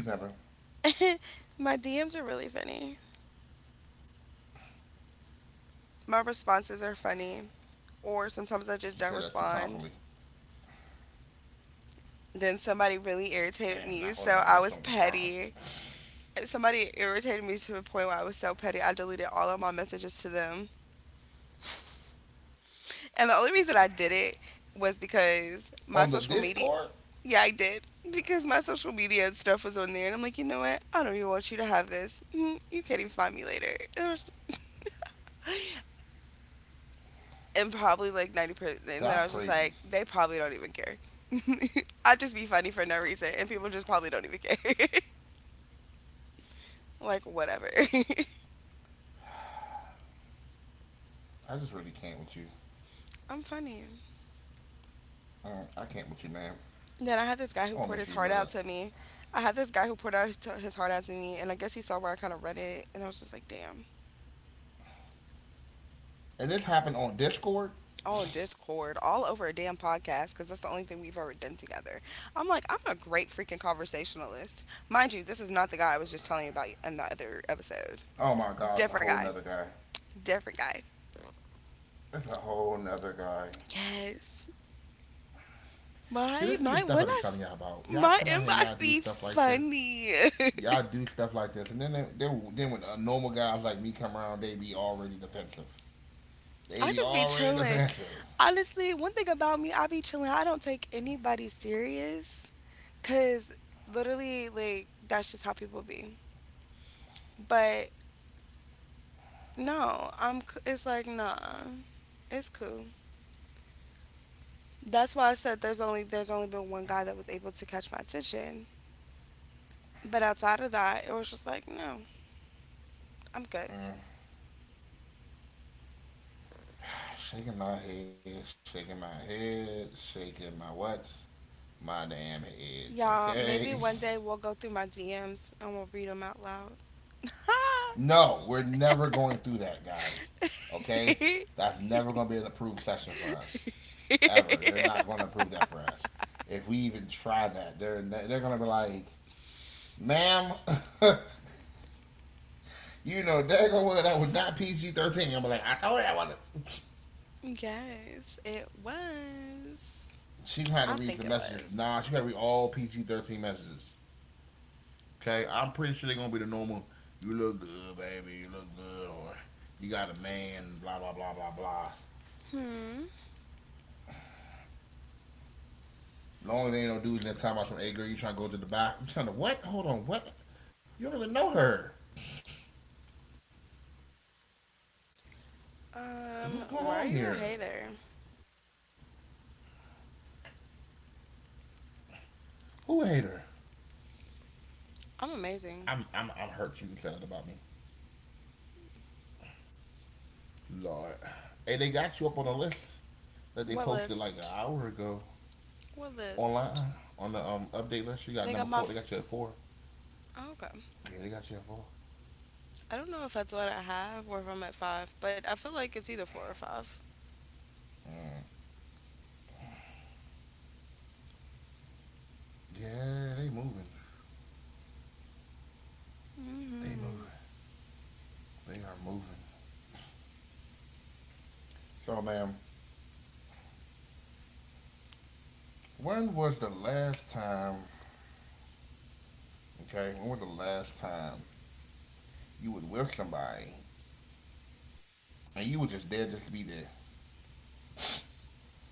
Speaker 2: *laughs* My DMs are really funny. My responses are funny,
Speaker 1: She
Speaker 2: or
Speaker 1: said that too
Speaker 2: sometimes I just
Speaker 1: confidently.
Speaker 2: don't respond. Then somebody really
Speaker 1: Damn, not order.
Speaker 2: irritated
Speaker 1: I
Speaker 2: me,
Speaker 1: just don't
Speaker 2: so I was
Speaker 1: respond.
Speaker 2: petty somebody irritated me to a point where I was so petty. I deleted all of my messages to them. And the only reason I did it was
Speaker 1: On the
Speaker 2: because
Speaker 1: Discord?
Speaker 2: my social media, yeah, I did. Because my social media and stuff was on there. And I'm like, you know what? I don't even want you to have this. You can't even find me later. And, I was- and probably like
Speaker 1: That's
Speaker 2: 90%.
Speaker 1: crazy.
Speaker 2: And then I was just like, they probably don't even care. *laughs* I just be funny for no reason. And people just probably don't even care. *laughs* Like, whatever.
Speaker 1: I just really can't with you.
Speaker 2: *laughs* I'm funny.
Speaker 1: Mm, I can't with you, man.
Speaker 2: Then I had this guy who
Speaker 1: I want to
Speaker 2: poured
Speaker 1: make
Speaker 2: his
Speaker 1: sure you
Speaker 2: heart
Speaker 1: know
Speaker 2: out
Speaker 1: that.
Speaker 2: to me. I had this guy who poured out his heart out to me, and I guess he saw where I kind of read it, and I was just like, damn.
Speaker 1: And this happened on Discord?
Speaker 2: All discord, all over a damn podcast, because that's the only thing we've ever done together. I'm like, I'm a great freaking conversationalist. Mind you, this is not the guy I was just telling you about in the other episode.
Speaker 1: Oh my gosh, a
Speaker 2: Different
Speaker 1: whole
Speaker 2: guy.
Speaker 1: nother guy.
Speaker 2: Different guy.
Speaker 1: It's a whole nother guy.
Speaker 2: Yes.
Speaker 1: See,
Speaker 2: My,
Speaker 1: this be the
Speaker 2: my,
Speaker 1: stuff I
Speaker 2: when
Speaker 1: be
Speaker 2: I,
Speaker 1: telling
Speaker 2: s-
Speaker 1: y'all about. Y'all
Speaker 2: my
Speaker 1: come out here, y'all
Speaker 2: inbox
Speaker 1: do
Speaker 2: be
Speaker 1: stuff like this.
Speaker 2: funny. *laughs*
Speaker 1: Y'all do stuff like this, and then then when normal guys like me come around, they be already defensive.
Speaker 2: I
Speaker 1: They be
Speaker 2: just be
Speaker 1: already
Speaker 2: chilling.
Speaker 1: defensive.
Speaker 2: Honestly, one thing about me, I be chilling. I don't take anybody serious because literally, like, that's just how people be. But no, I'm, c- it's like, nah, it's cool. That's why I said there's only been one guy that was able to catch my attention. But outside of that, it was just like, no, I'm good.
Speaker 1: Mm. Shaking my head, shaking my head, shaking my what? My damn head.
Speaker 2: Y'all, maybe
Speaker 1: Okay. *laughs*
Speaker 2: one day we'll go through my DMs and we'll read them out loud.
Speaker 1: No, we're never going through that, guys. Okay,
Speaker 2: *laughs*
Speaker 1: that's never going to be an approved session for us ever. They're not going to approve that for us. If we even try that, they're going to be like, "Ma'am." *laughs* You know, daggone well, that was not PG-13. I'm like, I told her I wasn't.
Speaker 2: Yes, it was.
Speaker 1: She had to
Speaker 2: I
Speaker 1: read the
Speaker 2: think it
Speaker 1: messages.
Speaker 2: was.
Speaker 1: Nah, she got to read all PG-13 messages. Okay? I'm pretty sure they're going to be the normal, you look good, baby, you look good, or you got a man, blah, blah, blah, blah, blah.
Speaker 2: Hmm.
Speaker 1: Long as they ain't no dudes that time about some, hey, girl, you trying to go to the back. You trying to what? Hold on, what? You don't even know her. What's going on here?
Speaker 2: Why are you a hater?
Speaker 1: Who a hater? I'm
Speaker 2: I'm
Speaker 1: hurt you said
Speaker 2: amazing.
Speaker 1: that about me. Lord. Hey, they got you up on the list that they posted like an
Speaker 2: What
Speaker 1: hour ago
Speaker 2: list? What
Speaker 1: online on the
Speaker 2: list?
Speaker 1: update list. You got number four. They
Speaker 2: They
Speaker 1: got
Speaker 2: got
Speaker 1: you at
Speaker 2: my.
Speaker 1: four.
Speaker 2: F- oh, okay.
Speaker 1: Yeah, they got you at four.
Speaker 2: I don't know if that's what I have or if I'm at five, but I feel like it's either four or five.
Speaker 1: Mm. Yeah, they moving. They moving.
Speaker 2: Mm-hmm.
Speaker 1: They are moving. So, ma'am, when was the last time? Okay, when was the last time you was with somebody and you were just there just to be there? *laughs*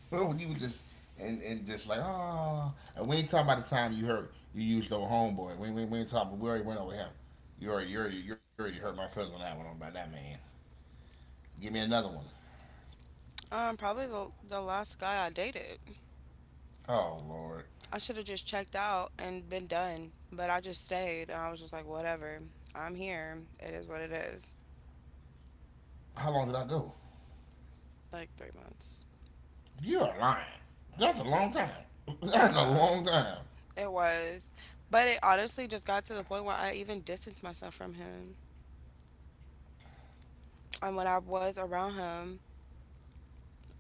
Speaker 1: When you were just and just like and we ain't talking about the time you heard you used old homeboy. We ain't talking. We already went over him. You already hurt my feelings on that one about that man. Give me another one.
Speaker 2: Probably the last guy I dated.
Speaker 1: Oh Lord,
Speaker 2: I should have just checked out and been done, but I just stayed and I was just like, whatever. I'm here. It is what it is.
Speaker 1: how long did I go?
Speaker 2: Like 3 months.
Speaker 1: You are lying. That's a
Speaker 2: Mm,
Speaker 1: long time. *laughs* That's a
Speaker 2: Yeah,
Speaker 1: long time.
Speaker 2: it was. But it honestly just got to the point where I even distanced myself from him. And when I was around him,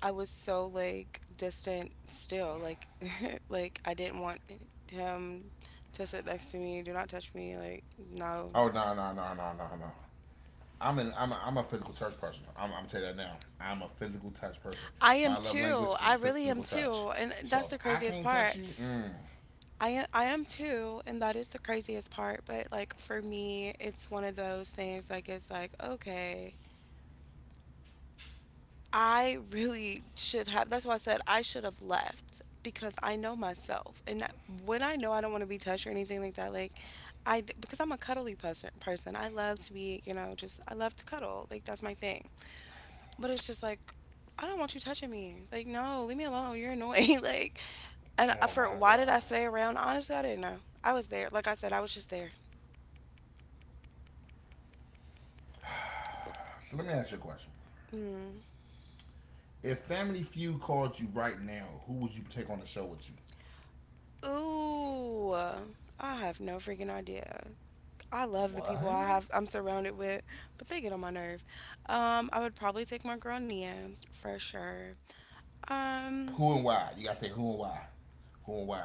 Speaker 2: I was so like distant still. Like *laughs* like I didn't want him to sit next to me. Do not touch me. Like no.
Speaker 1: Oh no no no no no no. I'm a physical touch person. I'm tell you that now. I'm a physical touch person.
Speaker 2: I am
Speaker 1: My love
Speaker 2: too.
Speaker 1: language
Speaker 2: I
Speaker 1: is
Speaker 2: really
Speaker 1: physical
Speaker 2: am
Speaker 1: touch.
Speaker 2: too. And
Speaker 1: So if
Speaker 2: that's the
Speaker 1: I can't
Speaker 2: craziest
Speaker 1: touch
Speaker 2: part.
Speaker 1: you,
Speaker 2: I am too, and that is the craziest part. But like for me, it's one of those things like it's like, okay, I really should have. That's why I said I should have left because I know myself. And that, when I know I don't want to be touched or anything like that, like I, because I'm a cuddly person, I love to be, you know, just, I love to cuddle. Like, that's my thing. But it's just like, I don't want you touching me. Like, no, leave me alone. You're annoying. *laughs* Like, and
Speaker 1: oh
Speaker 2: for
Speaker 1: my
Speaker 2: why did
Speaker 1: god.
Speaker 2: I stay around? Honestly, I didn't know. I was there. Like I said, I was just there.
Speaker 1: So let me ask you a question.
Speaker 2: Mm.
Speaker 1: If Family Feud called you right now, who would you take on the show with you?
Speaker 2: Ooh, I have no freaking idea. I love the people
Speaker 1: What?
Speaker 2: I'm surrounded with, but they get on my nerve. I would probably take my girl Nia for sure.
Speaker 1: Who and
Speaker 2: Um,
Speaker 1: why? You gotta say who and why. Who and why?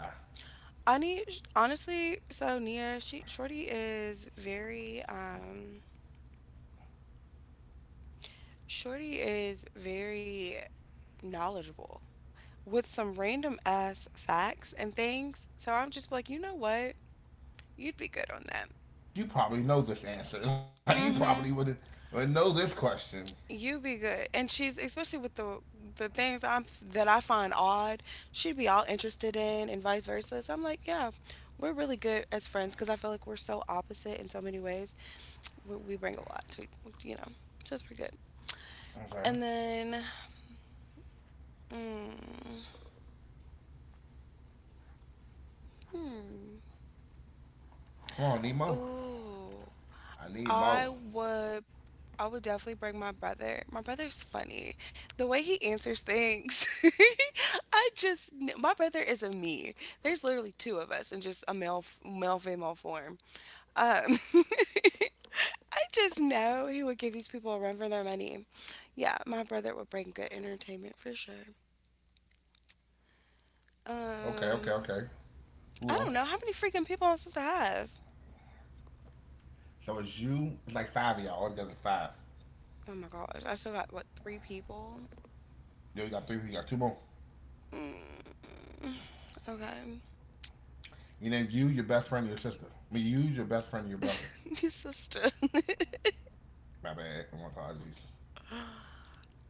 Speaker 2: I need honestly, so Nia, she Shorty is very knowledgeable with some random ass facts and things. So I'm just like, you know what? You'd be good on that.
Speaker 1: You probably know this answer. *laughs* Like you
Speaker 2: Mm-hmm.
Speaker 1: probably would know this question.
Speaker 2: You be good, and she's especially with the things I'm that I find odd. She'd be all interested in, and vice versa. So I'm like, yeah, we're really good as friends because I feel like we're so opposite in so many ways. We bring a lot to you know, just pretty good. And
Speaker 1: Okay.
Speaker 2: then, mm, hmm,
Speaker 1: Come on, I need more.
Speaker 2: ooh,
Speaker 1: I need
Speaker 2: I
Speaker 1: more.
Speaker 2: would I would definitely bring my brother. My brother's funny. The way he answers things, *laughs* I just my brother is a me. There's literally two of us in just a male female form. Um, *laughs* I just know he would give these people a run for their money. Yeah, my brother would bring good entertainment for sure.
Speaker 1: Okay, okay,
Speaker 2: Um,
Speaker 1: okay. Who
Speaker 2: I
Speaker 1: else?
Speaker 2: don't know how many freaking people I'm supposed to have.
Speaker 1: So it's you. It's like five of y'all. All together, it's five.
Speaker 2: Oh my gosh, I still got what three people?
Speaker 1: Then we got three. We got two more.
Speaker 2: Mm, okay,
Speaker 1: You named you, your best friend, and your sister. I mean, you, your best friend, and your
Speaker 2: *laughs*
Speaker 1: brother.
Speaker 2: sister. *laughs*
Speaker 1: My bad. My apologies.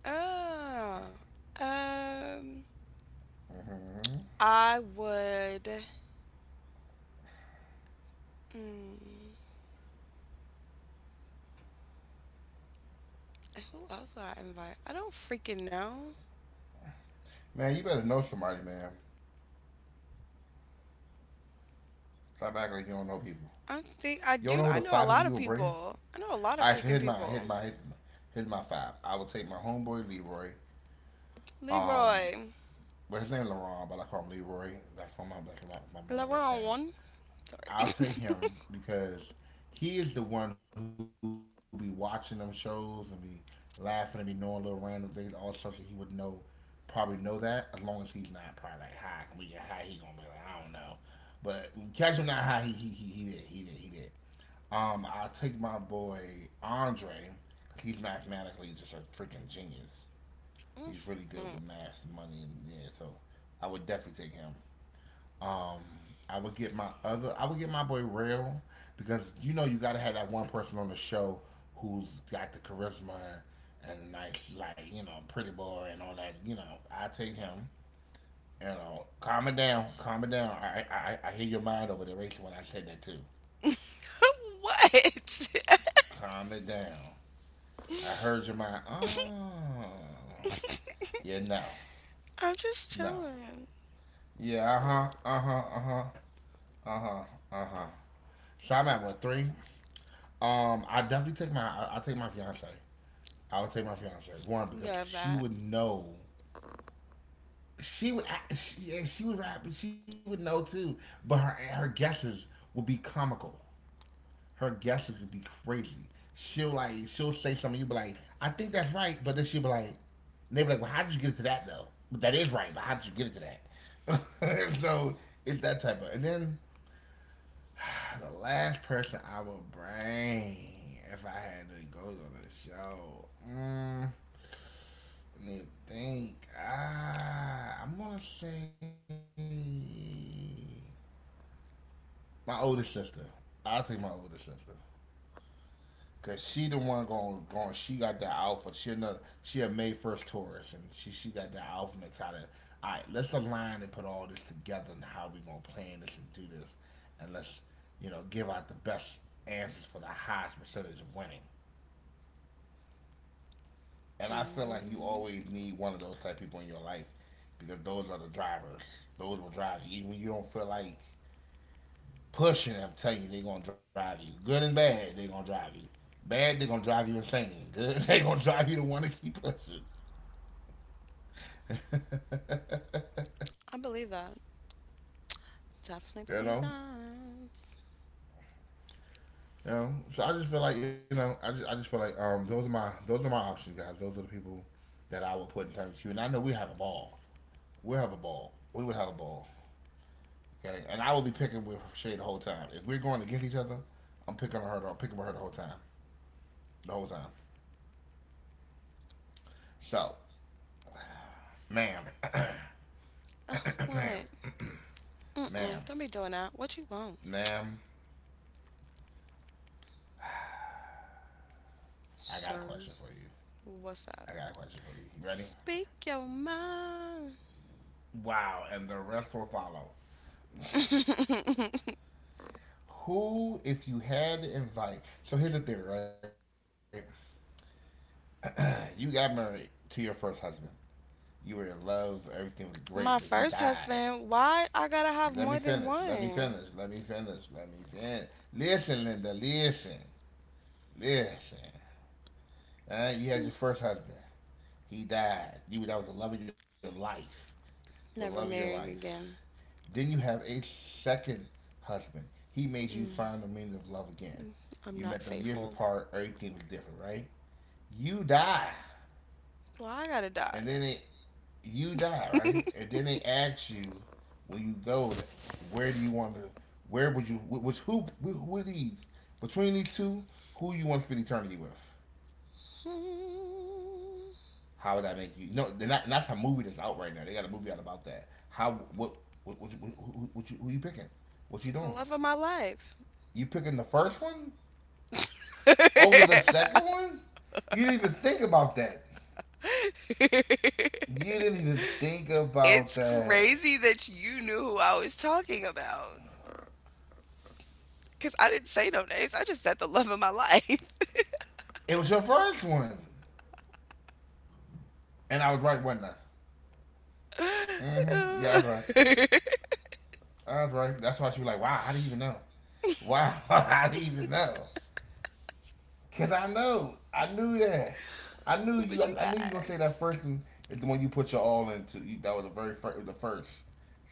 Speaker 2: Oh, um,
Speaker 1: Hmm.
Speaker 2: I would. Mm, who else would I invite? I don't freaking know.
Speaker 1: Man, you better know somebody, man. Stop acting like you don't know people.
Speaker 2: I think I
Speaker 1: You don't know
Speaker 2: do.
Speaker 1: who the
Speaker 2: I know a
Speaker 1: five people
Speaker 2: lot
Speaker 1: you
Speaker 2: of
Speaker 1: would bring?
Speaker 2: people. I know a lot
Speaker 1: I
Speaker 2: of
Speaker 1: right, so
Speaker 2: freaking
Speaker 1: hit my, hit
Speaker 2: people.
Speaker 1: my, hit my, hit my five. I would take my homeboy Leroy. Um,
Speaker 2: Leroy,
Speaker 1: Well, his name is Laurent, but I call him Leroy. That's one of my best, my, one of my best friends.
Speaker 2: Leroy.
Speaker 1: I'll
Speaker 2: Sorry.
Speaker 1: take him
Speaker 2: *laughs*
Speaker 1: because he is the one who be watching them shows and be laughing and be knowing little random things, all stuff that he would know, probably know that as long as he's not probably like high. When you get high, he gonna be like, I don't know. But catch him not high, he did he did he did. I'll take my boy Andre. He's mathematically just a freaking genius. He's really good
Speaker 2: Mm.
Speaker 1: with math and money, and yeah. So I would definitely take him. Um, I would get my other. I would get my boy Rail because you gotta have that one person on the show who's got the charisma and the nice, like pretty boy and all that. I take him. Calm it down, calm it down. I hear your mind over there, Rachel, when I said that too.
Speaker 2: *laughs* What?
Speaker 1: Calm it down. I heard your mind. Oh,
Speaker 2: *laughs*
Speaker 1: yeah, no,
Speaker 2: I'm just
Speaker 1: no,
Speaker 2: chilling.
Speaker 1: yeah, uh huh, uh huh, uh huh, uh huh, uh huh. So I'm at what three? I definitely take my fiance. I would take my fiance one
Speaker 2: You
Speaker 1: because
Speaker 2: love
Speaker 1: she
Speaker 2: that.
Speaker 1: would know. She, yeah, she would rap, but she would know too. But her guesses would be comical. Her guesses would be crazy. She'll like she'll say something. You be like, I think that's right, but then she'll be like, and they be like, well, how did you get to that though? But that is right. But how did you get it to that? *laughs* So it's that type of. And then the last person I would bring if I had to go on the show. I need to think. I'm gonna say my oldest sister. I'll take my oldest sister. Cause she the one going going. She got that alpha. She another. She a May 1st Taurus, and she got that alpha mentality. All right, let's align and put all this together and how we gonna plan this and do this, and let's give out the best answers for the highest percentage of winning. And I feel like you
Speaker 2: Hmm.
Speaker 1: always need one of those type of people in your life because those are the drivers. Those will drive you. Even when you don't feel like pushing them, tell you they're gonna drive you. Good and bad, they're gonna drive you. Bad, they're gonna drive you insane. Good, *laughs* they're gonna drive you to want to keep pushing. *laughs*
Speaker 2: I believe that. Definitely
Speaker 1: you
Speaker 2: believe
Speaker 1: know,
Speaker 2: that.
Speaker 1: So I just feel like I just feel like those are my options, guys. Those are the people that I would put in time with you. And I know we have a ball. We'll have a ball. We would have a ball. Okay, and I will be picking with Shay the whole time. If we're going against each other, I'm picking on her. I'm picking with her the whole time, the whole time. So, ma'am, *coughs*
Speaker 2: Uh, what?
Speaker 1: ma'am, ma'am,
Speaker 2: Mm-mm, don't be doing that. What you want,
Speaker 1: ma'am, I got a
Speaker 2: sir?
Speaker 1: question for you.
Speaker 2: What's
Speaker 1: I
Speaker 2: up?
Speaker 1: got a question for you. You ready?
Speaker 2: Speak your mind.
Speaker 1: Wow, and the rest will follow.
Speaker 2: *laughs*
Speaker 1: Who, if you had to invite? So here's the theory, right? You got married to your first husband. You were in love. Everything was great, but he
Speaker 2: My first
Speaker 1: died.
Speaker 2: husband, why I gotta
Speaker 1: Let
Speaker 2: have
Speaker 1: me
Speaker 2: more than
Speaker 1: finish. Let me finish.
Speaker 2: one?
Speaker 1: Let me finish. Let me finish. Listen, Linda. Listen. Listen, you
Speaker 2: Hmm,
Speaker 1: had your first husband. He died. You that was the love of your life, the love of your
Speaker 2: never marrying
Speaker 1: life.
Speaker 2: again.
Speaker 1: Then you have a second husband. He made you
Speaker 2: Mm,
Speaker 1: find the meaning of love again.
Speaker 2: I'm
Speaker 1: You
Speaker 2: not
Speaker 1: met them years
Speaker 2: faithful.
Speaker 1: apart. Everything was different, right? You die,
Speaker 2: Why I gotta die?
Speaker 1: and then it you die, right? And then
Speaker 2: *laughs*
Speaker 1: they ask you when you go, to, where do you want to? Where would you? Which who? Who are these? Between these two, who you want to spend eternity with?
Speaker 2: Hmm,
Speaker 1: How would that make you? No, and, that, and that's a movie that's out right now. They got a movie out about that. How? What? What? What, who, what you, who you picking? What you
Speaker 2: the
Speaker 1: doing?
Speaker 2: love of my life.
Speaker 1: You picking the first one over
Speaker 2: *laughs*
Speaker 1: the second one? You didn't even think about that. You didn't even think about
Speaker 2: It's
Speaker 1: that.
Speaker 2: crazy that you knew who I was talking about. Because I didn't say no names. I just said the love of my life. *laughs*
Speaker 1: It was your first one, and I was right, wasn't I? Mm-hmm. Yeah, I
Speaker 2: Uh,
Speaker 1: was right.
Speaker 2: *laughs*
Speaker 1: I was right. That's why she was like, "Wow, how do you even know? Wow, *laughs* how do you even know?" Cause I know, I knew that, I
Speaker 2: but you
Speaker 1: knew you, I knew you gonna say
Speaker 2: asked.
Speaker 1: that first one is the one you put your all into. You, that was the very first, the first.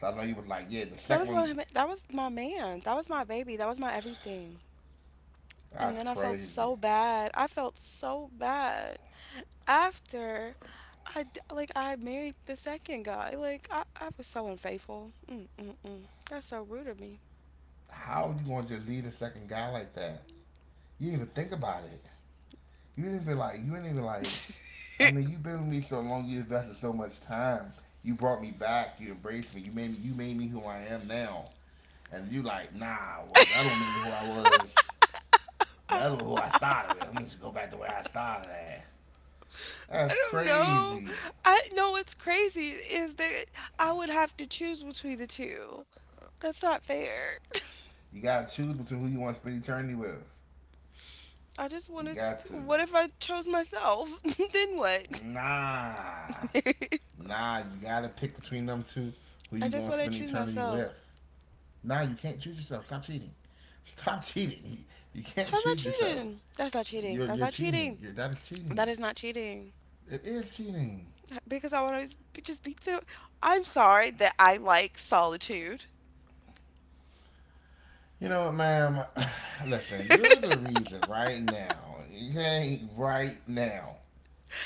Speaker 1: So I know you was
Speaker 2: That was
Speaker 1: like, yeah,
Speaker 2: my
Speaker 1: the second one,
Speaker 2: man. That was my baby. That was my everything. And then I felt
Speaker 1: that's
Speaker 2: so
Speaker 1: crazy.
Speaker 2: bad. I felt so bad after like I married the second guy. Like I was so unfaithful. Mm. That's so rude of me.
Speaker 1: How are you gonna just leave a second guy like that? You didn't even think about it. You didn't even like, you didn't even like. I mean, you've been with me so long, you invested so much time. You brought me back. You embraced me. You made me. You made me who I am now. And you like, nah. Well, that don't mean who I was. That was who I started with. I'm just go back to where I started at. That's
Speaker 2: I don't know.
Speaker 1: crazy.
Speaker 2: I know what's crazy is that I would have to choose between the two. That's not fair.
Speaker 1: You gotta choose between who you want to spend eternity with.
Speaker 2: I just
Speaker 1: You
Speaker 2: wanted.
Speaker 1: got
Speaker 2: To,
Speaker 1: to.
Speaker 2: what if I chose myself? *laughs* Then what?
Speaker 1: Nah.
Speaker 2: *laughs*
Speaker 1: Nah, you gotta pick between them two who
Speaker 2: I
Speaker 1: you
Speaker 2: just
Speaker 1: gonna
Speaker 2: want to
Speaker 1: spend
Speaker 2: choose
Speaker 1: eternity
Speaker 2: myself.
Speaker 1: with. Nah, you can't choose yourself. Stop cheating. Stop *laughs* cheating. You can't
Speaker 2: How's that
Speaker 1: choose yourself.
Speaker 2: cheating? That's not cheating.
Speaker 1: You're
Speaker 2: That's
Speaker 1: you're
Speaker 2: not
Speaker 1: cheating.
Speaker 2: cheating.
Speaker 1: You're that is cheating.
Speaker 2: That is not cheating.
Speaker 1: It is cheating.
Speaker 2: Because I want to just be too. I'm sorry that I like solitude.
Speaker 1: You know what, ma'am? *sighs* Listen, you're the reason right now. Okay? Right now.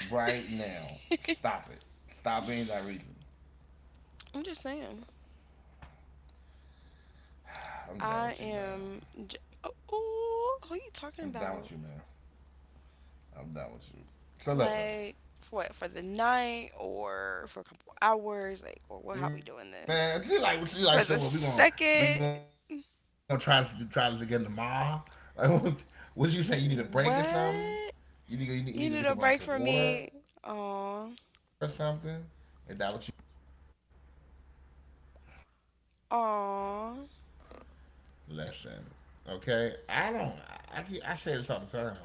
Speaker 1: Right now. Stop it. Stop being that reason.
Speaker 2: I'm just saying.
Speaker 1: I'm down
Speaker 2: I
Speaker 1: with you, man.
Speaker 2: am. j- Oh, who are you talking
Speaker 1: I'm down with
Speaker 2: about?
Speaker 1: you, man. I'm down with you. So
Speaker 2: Like
Speaker 1: listen,
Speaker 2: for what, for the night or for a couple hours? Like or what? How we doing this?
Speaker 1: man. She like,
Speaker 2: For
Speaker 1: so
Speaker 2: the
Speaker 1: what? We gonna we
Speaker 2: second?
Speaker 1: gonna try this again tomorrow. Like, *laughs* what you say? You need a break or something? You need
Speaker 2: What?
Speaker 1: to get some like water or
Speaker 2: You need a break
Speaker 1: something?
Speaker 2: from
Speaker 1: Is
Speaker 2: me.
Speaker 1: that what you mean when you say
Speaker 2: Aw.
Speaker 1: that?
Speaker 2: Aw.
Speaker 1: Listen, okay. I don't. I keep- I say this all the time.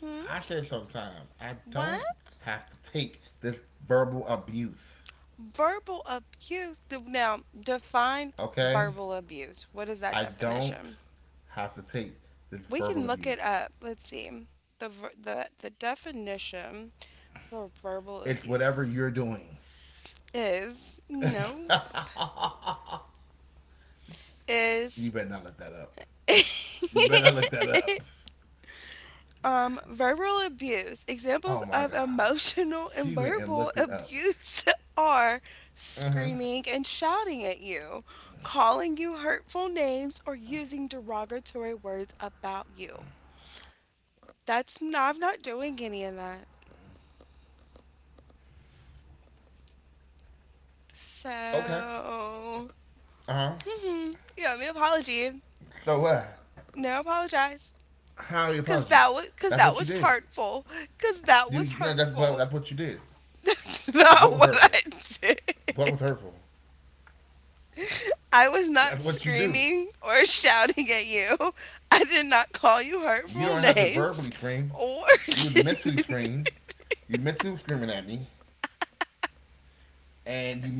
Speaker 2: Hmm?
Speaker 1: I say this all the time. I don't
Speaker 2: What?
Speaker 1: have to take this verbal abuse.
Speaker 2: Verbal abuse. Now, define
Speaker 1: Okay.
Speaker 2: verbal abuse. What is that
Speaker 1: I
Speaker 2: definition?
Speaker 1: don't have to take this
Speaker 2: We
Speaker 1: verbal
Speaker 2: can look it
Speaker 1: abuse.
Speaker 2: up. Let's see. The definition
Speaker 1: It's
Speaker 2: for
Speaker 1: whatever
Speaker 2: verbal
Speaker 1: you're
Speaker 2: abuse
Speaker 1: doing.
Speaker 2: is
Speaker 1: *laughs*
Speaker 2: no,
Speaker 1: you
Speaker 2: is
Speaker 1: better not look that up. You better not look
Speaker 2: *laughs*
Speaker 1: that up.
Speaker 2: Verbal abuse. Examples of
Speaker 1: Oh my
Speaker 2: emotional *laughs*
Speaker 1: God.
Speaker 2: and verbal
Speaker 1: She went and
Speaker 2: abuse
Speaker 1: looked it
Speaker 2: *laughs*
Speaker 1: up.
Speaker 2: are screaming and shouting at you, calling you hurtful names, or using derogatory words about you. That's not, I'm not doing any of that.
Speaker 1: Okay.
Speaker 2: So,
Speaker 1: Uh huh.
Speaker 2: hmm, you owe me an apology.
Speaker 1: So what?
Speaker 2: No, apologize.
Speaker 1: How your
Speaker 2: Cause that
Speaker 1: apology?
Speaker 2: was
Speaker 1: That's
Speaker 2: hurtful.
Speaker 1: what you did.
Speaker 2: Cause that was hurtful.
Speaker 1: You no, that's but
Speaker 2: *laughs*
Speaker 1: that's what you
Speaker 2: That's
Speaker 1: did.
Speaker 2: not what I *laughs*
Speaker 1: What was hurtful?
Speaker 2: did.
Speaker 1: What was hurtful?
Speaker 2: I was not screaming or *laughs*
Speaker 1: That's what you do.
Speaker 2: shouting at you. I did not call you hurtful names
Speaker 1: You don't
Speaker 2: or
Speaker 1: have to verbally
Speaker 2: *laughs*
Speaker 1: scream. You would mentally scream. You mentally was screaming at me,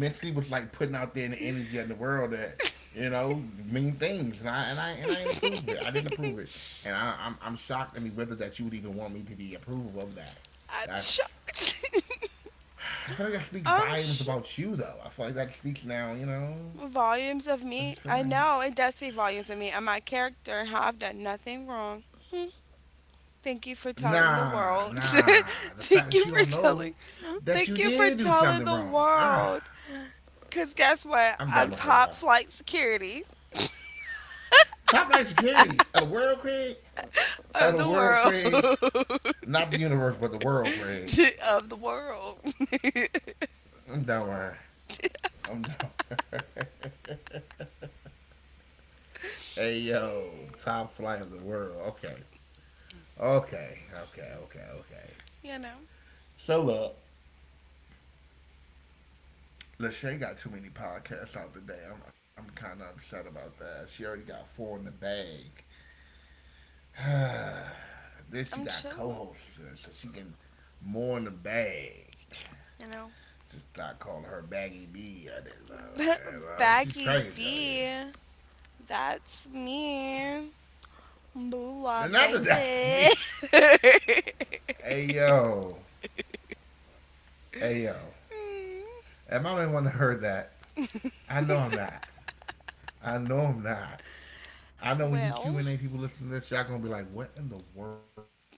Speaker 1: and you mentally was like putting out there in the energy in the world that you know mean things, and I didn't approve of it. I didn't approve it, and I, I'm shocked. I mean, whether that you would even want me to be approval
Speaker 2: I'm
Speaker 1: of that.
Speaker 2: shocked.
Speaker 1: That's
Speaker 2: *laughs* um,
Speaker 1: I feel like that
Speaker 2: sh-
Speaker 1: speaks volumes about you, though. I feel like that speaks now. You know,
Speaker 2: volumes of me. I
Speaker 1: I
Speaker 2: know
Speaker 1: just
Speaker 2: it
Speaker 1: feel
Speaker 2: does speak
Speaker 1: like
Speaker 2: volumes of me and my character and how I've done nothing wrong. Hmm. Thank you for telling the world. *laughs*
Speaker 1: nah,
Speaker 2: Thank you
Speaker 1: nah. The
Speaker 2: for
Speaker 1: fact that you
Speaker 2: telling.
Speaker 1: don't know
Speaker 2: Thank you for
Speaker 1: that you
Speaker 2: telling
Speaker 1: did
Speaker 2: the
Speaker 1: do something
Speaker 2: world.
Speaker 1: wrong. Ah,
Speaker 2: Cause guess what? I'm
Speaker 1: I'm
Speaker 2: top
Speaker 1: down with her,
Speaker 2: flight
Speaker 1: y'all.
Speaker 2: security
Speaker 1: Top flight security of the world, Craig.
Speaker 2: of the
Speaker 1: Of the world,
Speaker 2: world.
Speaker 1: Craig. Not the universe, but the world,
Speaker 2: *laughs*
Speaker 1: Craig.
Speaker 2: Of the world.
Speaker 1: I'm down with her. I'm down with her. *laughs* hey, yo. Top flight of the world. Okay. Okay. Okay. Okay. Okay.
Speaker 2: You know,
Speaker 1: So, look. Lachey got too many podcasts out today. I'm kind of upset about that. She already got four in the bag. *sighs* then she
Speaker 2: I'm
Speaker 1: got
Speaker 2: chilling.
Speaker 1: co-hosts, so she getting more in the bag.
Speaker 2: You know,
Speaker 1: Just start calling her Baggy B or that.
Speaker 2: *laughs*
Speaker 1: She's
Speaker 2: Baggy
Speaker 1: crazy out here.
Speaker 2: B, that's me. Moolah
Speaker 1: Not that that's *laughs*
Speaker 2: baby.
Speaker 1: me.
Speaker 2: *laughs*
Speaker 1: Hey yo, hey yo.
Speaker 2: Hmm.
Speaker 1: Am I the only one that heard that? I know I'm not. I know I'm not. I know when you
Speaker 2: Well,
Speaker 1: Q and A people listen to this, y'all gonna be like, "What in the world?"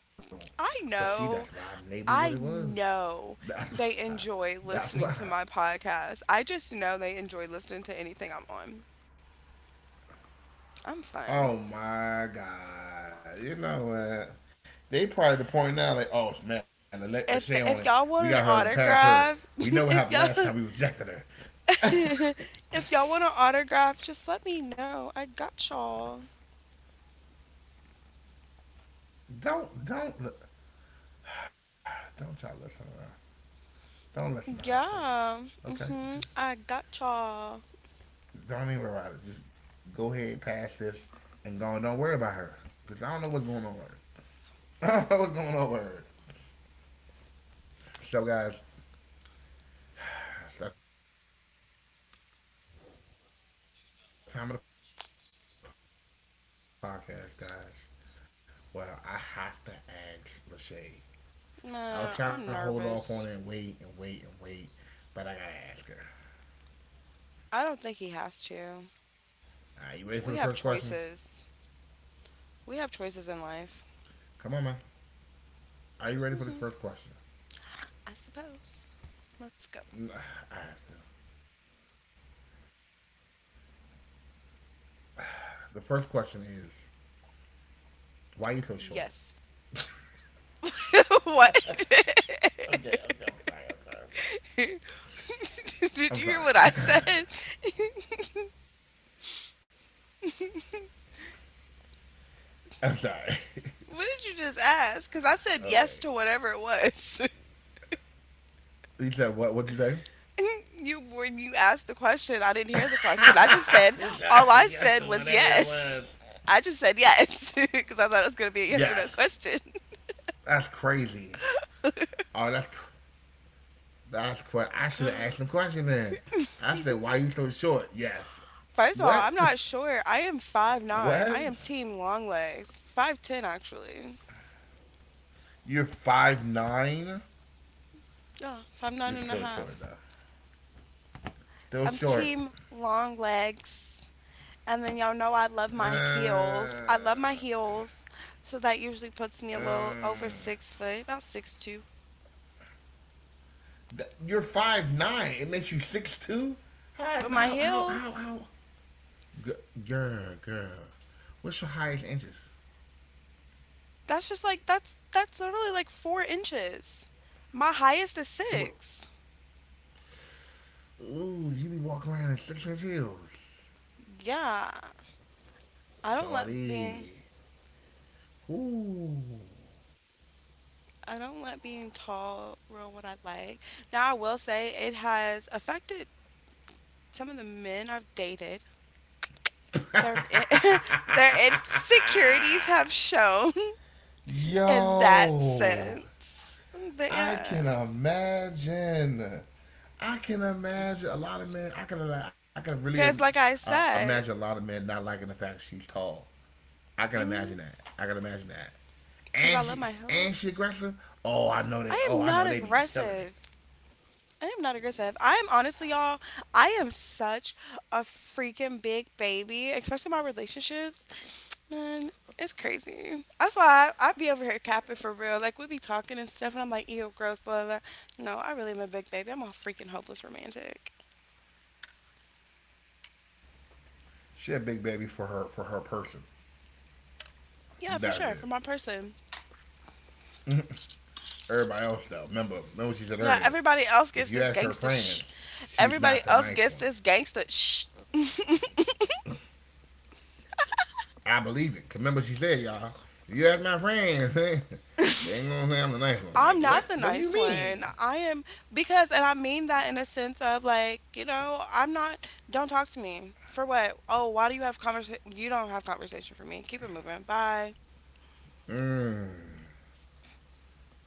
Speaker 1: But see, that's why
Speaker 2: I
Speaker 1: I labeled what
Speaker 2: know,
Speaker 1: it was.
Speaker 2: I
Speaker 1: That's
Speaker 2: know
Speaker 1: *laughs* why.
Speaker 2: they
Speaker 1: That's
Speaker 2: enjoy
Speaker 1: why.
Speaker 2: listening to my podcast. I just know they enjoy listening to anything I'm on. I'm fun.
Speaker 1: Oh my God. You know what? They probably the point now, like, oh man, let Lachey on it.
Speaker 2: If
Speaker 1: We
Speaker 2: y'all
Speaker 1: got her
Speaker 2: want an
Speaker 1: and passed her. We
Speaker 2: autograph,
Speaker 1: know
Speaker 2: *laughs*
Speaker 1: what happened
Speaker 2: if
Speaker 1: last time we
Speaker 2: y'all
Speaker 1: rejected her.
Speaker 2: *laughs* if y'all want an autograph, just let me know. I got y'all.
Speaker 1: Don't, don't, don't try to listen to her. Don't listen to her, please.
Speaker 2: Yeah.
Speaker 1: Okay?
Speaker 2: Hmm,
Speaker 1: Just
Speaker 2: I got y'all.
Speaker 1: don't even worry about it. Just go ahead, pass this, and go Don't worry about her. Because I don't know what's going on with her. *laughs* I don't know what's going on with her. So, guys, it's that time of the podcast, guys. Well, I have to ask Lachey a couple of questions. All right. I was trying to hold off on it and wait and
Speaker 2: Nah,
Speaker 1: wait
Speaker 2: I'm
Speaker 1: and wait,
Speaker 2: nervous.
Speaker 1: but I gotta ask her. Are you ready for the first question?
Speaker 2: I don't think he has to. We have
Speaker 1: Come on, man.
Speaker 2: choices. We
Speaker 1: Are you
Speaker 2: have
Speaker 1: ready for
Speaker 2: choices
Speaker 1: this
Speaker 2: in
Speaker 1: first
Speaker 2: life.
Speaker 1: question?
Speaker 2: Hmm, I
Speaker 1: I do
Speaker 2: suppose.
Speaker 1: have to.
Speaker 2: Let's go.
Speaker 1: I have to. The first question is, why are you so short?
Speaker 2: Yes. *laughs* What?
Speaker 1: Okay, I'm sorry, I'm sorry,
Speaker 2: *laughs*
Speaker 1: I'm sorry. I'm
Speaker 2: Did
Speaker 1: sorry.
Speaker 2: you hear what I said? *laughs*
Speaker 1: *laughs* I'm sorry. *laughs* okay.
Speaker 2: What did you just ask? Because I said yes to whatever it
Speaker 1: You
Speaker 2: was. *laughs*
Speaker 1: said what? What'd you say?
Speaker 2: *laughs* You when you asked the question,
Speaker 1: You
Speaker 2: I didn't
Speaker 1: got
Speaker 2: hear the
Speaker 1: the yes
Speaker 2: question. I
Speaker 1: to
Speaker 2: just
Speaker 1: whatever
Speaker 2: said
Speaker 1: it was.
Speaker 2: all I said was yes. I just said yes *laughs*
Speaker 1: Yes.
Speaker 2: because I thought it was gonna be a yes or no
Speaker 1: That's
Speaker 2: question. *laughs*
Speaker 1: crazy. Oh,
Speaker 2: First
Speaker 1: That's what I should have asked him question then. I said, "Why are you so short?" Yes. What?
Speaker 2: of all, I'm not sure. I
Speaker 1: *laughs*
Speaker 2: am five
Speaker 1: what?
Speaker 2: nine. I am team long legs. 5'10" actually.
Speaker 1: You're 5'9".
Speaker 2: Yeah, 5'9"
Speaker 1: You're
Speaker 2: and a
Speaker 1: still short
Speaker 2: half.
Speaker 1: though. Still
Speaker 2: I'm
Speaker 1: short.
Speaker 2: team long legs. And then y'all know I love my heels.
Speaker 1: Uh,
Speaker 2: I love my heels. So that usually puts me
Speaker 1: uh,
Speaker 2: a little over 6 foot, about 6'2".
Speaker 1: you're 5'9". It makes you 6'2". How?
Speaker 2: But my
Speaker 1: How? How? How?
Speaker 2: heels
Speaker 1: how? G- girl. What's your highest inches?
Speaker 2: That's literally like 4 inches. My highest is
Speaker 1: So what?
Speaker 2: six.
Speaker 1: Ooh, you be walking around in six-inch heels.
Speaker 2: Yeah, I don't let being
Speaker 1: Shorty. Ooh.
Speaker 2: I don't let being tall ruin what I like. Now I will say it has affected some of the men I've dated. Their *laughs* their insecurities have
Speaker 1: *laughs*
Speaker 2: shown *laughs* in that
Speaker 1: Yo,
Speaker 2: sense. But
Speaker 1: I
Speaker 2: yeah,
Speaker 1: can imagine. I can imagine a lot of men. I can. I can really
Speaker 2: because like I
Speaker 1: imagine a
Speaker 2: said,
Speaker 1: lot of men not liking the fact she's tall. I can imagine
Speaker 2: because
Speaker 1: that. I can imagine that. And
Speaker 2: I love
Speaker 1: she
Speaker 2: my
Speaker 1: and she
Speaker 2: heels.
Speaker 1: aggressive. Oh, I know they.
Speaker 2: I am
Speaker 1: Oh, I
Speaker 2: not
Speaker 1: know they be killing
Speaker 2: aggressive.
Speaker 1: it.
Speaker 2: I am not aggressive. I am honestly, y'all, I am such a freaking big baby, especially my relationships. Man, it's crazy. That's why I be over here capping for real. Like, we be talking and stuff, and I'm like, ew, gross, blah, blah. Blah." No, I really am a big baby. I'm a freaking hopeless romantic.
Speaker 1: She a big baby for her person.
Speaker 2: Yeah, for
Speaker 1: That's it.
Speaker 2: sure. For my person.
Speaker 1: Everybody else though. Remember what she said
Speaker 2: Yeah,
Speaker 1: earlier.
Speaker 2: everybody else
Speaker 1: If
Speaker 2: gets
Speaker 1: you
Speaker 2: this
Speaker 1: ask her
Speaker 2: gangster shh.
Speaker 1: friends, she's
Speaker 2: Everybody
Speaker 1: not the
Speaker 2: else
Speaker 1: nice
Speaker 2: gets
Speaker 1: one.
Speaker 2: this gangster shh.
Speaker 1: I believe it. 'Cause remember what she said, y'all. If you ask my friends, *laughs* they ain't gonna say I'm the nice one.
Speaker 2: I'm
Speaker 1: Like what?
Speaker 2: not the
Speaker 1: What do you
Speaker 2: nice
Speaker 1: mean?
Speaker 2: one. I am because, and I mean that in a sense of like, you know, I'm not. Don't talk to me for what? Oh, why do you have conversation? You don't have conversation for me. Keep it moving. Bye.
Speaker 1: Mmm.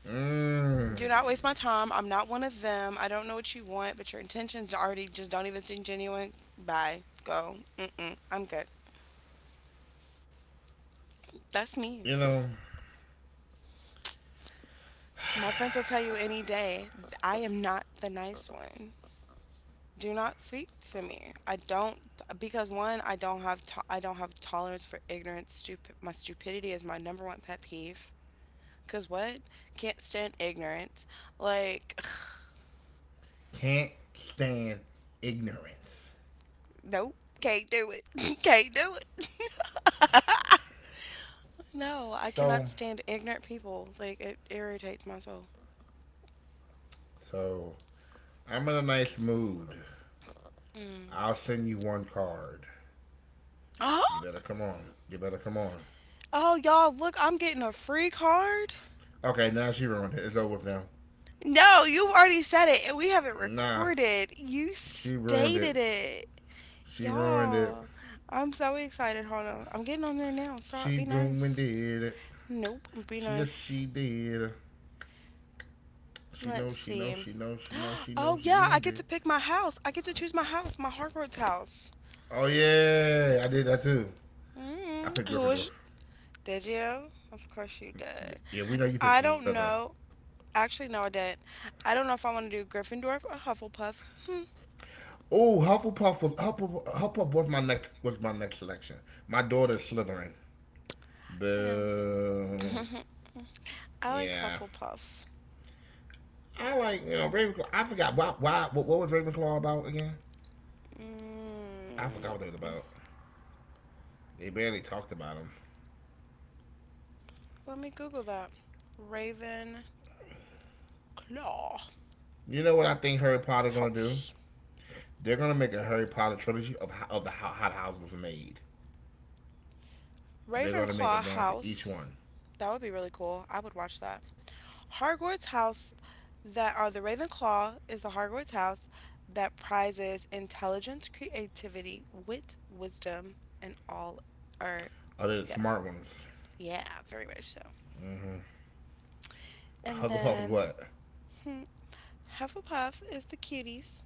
Speaker 1: Mmm.
Speaker 2: Do not waste my time. I'm not one of them. I don't know what you want, but your intentions already just don't even seem genuine. Bye. Go. Mm-mm. I'm good. That's me.
Speaker 1: You know,
Speaker 2: My friends will tell you any day, I am not the nice one. Do not speak to me. I don't because one, I don't have tolerance for ignorance. Stupid, my stupidity is my number one pet peeve. Cause what? Can't stand ignorance. Like,
Speaker 1: can't stand ignorance.
Speaker 2: *laughs* *sighs* nope, can't do it. *laughs* Can't do it. No, I
Speaker 1: So,
Speaker 2: cannot stand ignorant people. Like it irritates my soul.
Speaker 1: so, I'm in a nice mood.
Speaker 2: Mm.
Speaker 1: I'll send you one card.
Speaker 2: Oh,
Speaker 1: You better come on. You better come on.
Speaker 2: oh, y'all, look, I'm getting a free card.
Speaker 1: Okay, now she ruined it. It's over now.
Speaker 2: No, you've already said it, and we have it
Speaker 1: Nah,
Speaker 2: recorded. You
Speaker 1: she ruined it.
Speaker 2: stated it.
Speaker 1: She ruined it.
Speaker 2: Y'all, I'm so excited. Hold on. I'm getting on there now. Stop.
Speaker 1: She
Speaker 2: Be
Speaker 1: ruined
Speaker 2: nice.
Speaker 1: it.
Speaker 2: Nope. Be
Speaker 1: She
Speaker 2: nice.
Speaker 1: just she did. She
Speaker 2: Let's
Speaker 1: knows. She
Speaker 2: see.
Speaker 1: knows. She knows. She
Speaker 2: *gasps*
Speaker 1: knows. She knows.
Speaker 2: Oh,
Speaker 1: She
Speaker 2: yeah. I
Speaker 1: ruined
Speaker 2: get
Speaker 1: it.
Speaker 2: to pick my house. I get to choose my house, my Hogwarts house.
Speaker 1: Oh yeah, I did that too. I
Speaker 2: Mm,
Speaker 1: picked
Speaker 2: who
Speaker 1: Gryffindor.
Speaker 2: was. Did you? Of course you did.
Speaker 1: Yeah, we know you picked
Speaker 2: I
Speaker 1: Slytherin.
Speaker 2: don't know. Actually, no, I didn't. I don't know if I want to do Gryffindor or Hufflepuff. Hmm.
Speaker 1: Oh, Hufflepuff was my next selection. My daughter's Slytherin.
Speaker 2: Yeah.
Speaker 1: Boo.
Speaker 2: *laughs* I like
Speaker 1: Yeah.
Speaker 2: Hufflepuff.
Speaker 1: I like you know Ravenclaw. I forgot what was Ravenclaw about again? I
Speaker 2: Mm,
Speaker 1: forgot what it was about. They barely talked about him.
Speaker 2: let me Google that. Ravenclaw
Speaker 1: You know what I think Harry Potter gonna do?
Speaker 2: House.
Speaker 1: They're gonna make a Harry Potter trilogy of how, of the how Hot House was made. They're gonna make a
Speaker 2: Ravenclaw
Speaker 1: one for each
Speaker 2: House.
Speaker 1: one.
Speaker 2: That would be really cool. I would watch that. Hogwarts House that are the Ravenclaw is the Hogwarts House that prizes intelligence, creativity, wit, wisdom, and all are
Speaker 1: Other the
Speaker 2: yeah,
Speaker 1: smart ones.
Speaker 2: yeah, very much so.
Speaker 1: Mm-hmm.
Speaker 2: And
Speaker 1: Hugglepuff is
Speaker 2: then
Speaker 1: what?
Speaker 2: hmm, Hufflepuff is the cuties.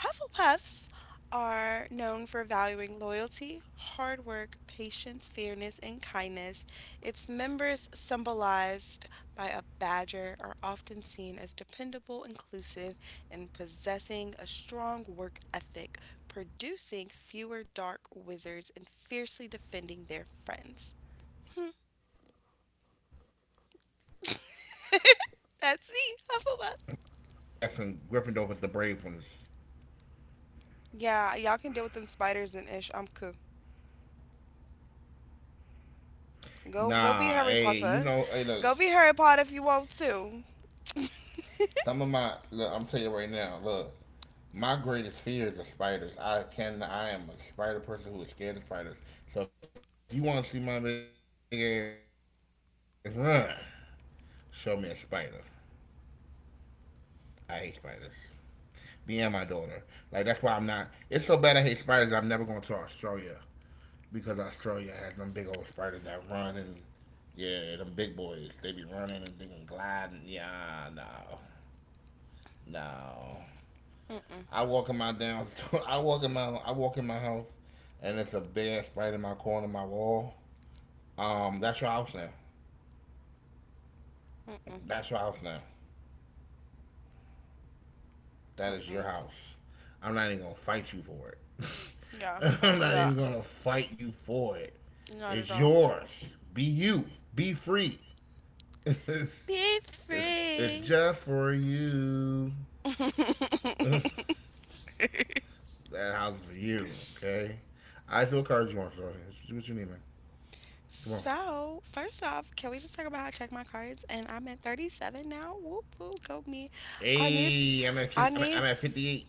Speaker 2: Hufflepuffs are known for valuing loyalty, hard work, patience, fairness, and kindness. Its members, symbolized by a badger, are often seen as dependable, inclusive, and possessing a strong work ethic, producing fewer dark wizards and
Speaker 1: Yeah,
Speaker 2: fiercely defending their
Speaker 1: that sounds
Speaker 2: friends.
Speaker 1: about right.
Speaker 2: Hmm,
Speaker 1: That sounds about right.
Speaker 2: that's me, Hufflepuff.
Speaker 1: And I'm guessing Gryffindor is the brave ones.
Speaker 2: Yeah, y'all can deal with them spiders and ish. I'm cool. Go be
Speaker 1: Nah,
Speaker 2: Harry
Speaker 1: hey, you
Speaker 2: Potter.
Speaker 1: know, hey, look,
Speaker 2: Go be Harry Potter if you want to. *laughs*
Speaker 1: some of my, look, I'm telling you right now, look, my greatest fear is the spiders. I can, I am a spider person who is scared of spiders. So if you want to see my big ass run, show me a spider. I hate spiders. Me and my daughter. Like that's why I'm not. It's so bad I hate spiders. I'm never going to Australia because Australia has them big old spiders that run and yeah, them big boys. They be running and they can glide and yeah, no, no. I walk in my
Speaker 2: Mm-mm,
Speaker 1: down. *laughs* I walk in my. I walk in my house, and it's a big ass spider in my corner of my wall. That's your house now.
Speaker 2: mm-mm,
Speaker 1: That's your house now. That is
Speaker 2: mm-mm.
Speaker 1: your house. I'm not even gonna fight you for
Speaker 2: Yeah,
Speaker 1: it. *laughs*
Speaker 2: I
Speaker 1: I'm
Speaker 2: feel
Speaker 1: not even
Speaker 2: that.
Speaker 1: gonna fight you for it.
Speaker 2: Not at
Speaker 1: It's
Speaker 2: all.
Speaker 1: yours. Be you. Be free. *laughs* it's,
Speaker 2: Be
Speaker 1: it's
Speaker 2: free.
Speaker 1: just for you. *laughs* that
Speaker 2: *laughs*
Speaker 1: house is for you, okay? I feel cards you want, so what you need, man? Come on.
Speaker 2: So, first off, can we just talk about how I check my cards? And I'm at 37 now. Whoop whoop, go me. I needs,
Speaker 1: Hey, I'm at
Speaker 2: I
Speaker 1: I'm at, I'm at
Speaker 2: needs.
Speaker 1: 58.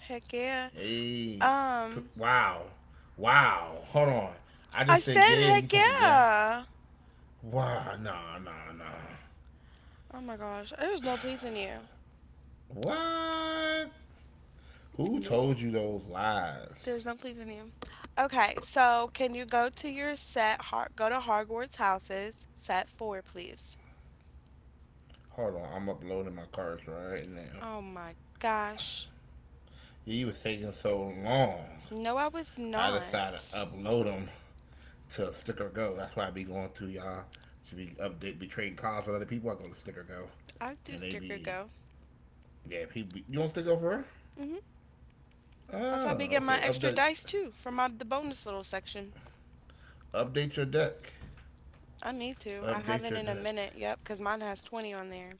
Speaker 2: Heck yeah.
Speaker 1: Hey,
Speaker 2: Um,
Speaker 1: wow, wow. Hold on. I
Speaker 2: I
Speaker 1: just said
Speaker 2: said
Speaker 1: yeah, and you
Speaker 2: heck
Speaker 1: come from yeah.
Speaker 2: yeah.
Speaker 1: Wow, nah, nah, nah.
Speaker 2: Oh my gosh, there's no pleasing you.
Speaker 1: What? Who
Speaker 2: Nope.
Speaker 1: told you those lies?
Speaker 2: There's no pleasing you. Okay, so can you go to your set? Go to Hogwarts houses, set four, please.
Speaker 1: Hold on, I'm uploading my cards right now.
Speaker 2: Oh my gosh.
Speaker 1: Yeah, you was taking so long.
Speaker 2: No, I was
Speaker 1: I
Speaker 2: not.
Speaker 1: decided to upload them to Sticker Go. That's why I be going to y'all to be update, be trading cards with other people. I go to Sticker Go,
Speaker 2: I'll do sticker
Speaker 1: and they
Speaker 2: go.
Speaker 1: be yeah. People, you don't Sticker Go for
Speaker 2: Hmm,
Speaker 1: real?
Speaker 2: that's how I be getting my extra
Speaker 1: Oh,
Speaker 2: dice
Speaker 1: okay. Well,
Speaker 2: too
Speaker 1: Update,
Speaker 2: from my the bonus little section.
Speaker 1: update your deck.
Speaker 2: I need to. I haven't in a minute. Yep,
Speaker 1: Update
Speaker 2: because
Speaker 1: your
Speaker 2: mine
Speaker 1: deck.
Speaker 2: has 20 on there.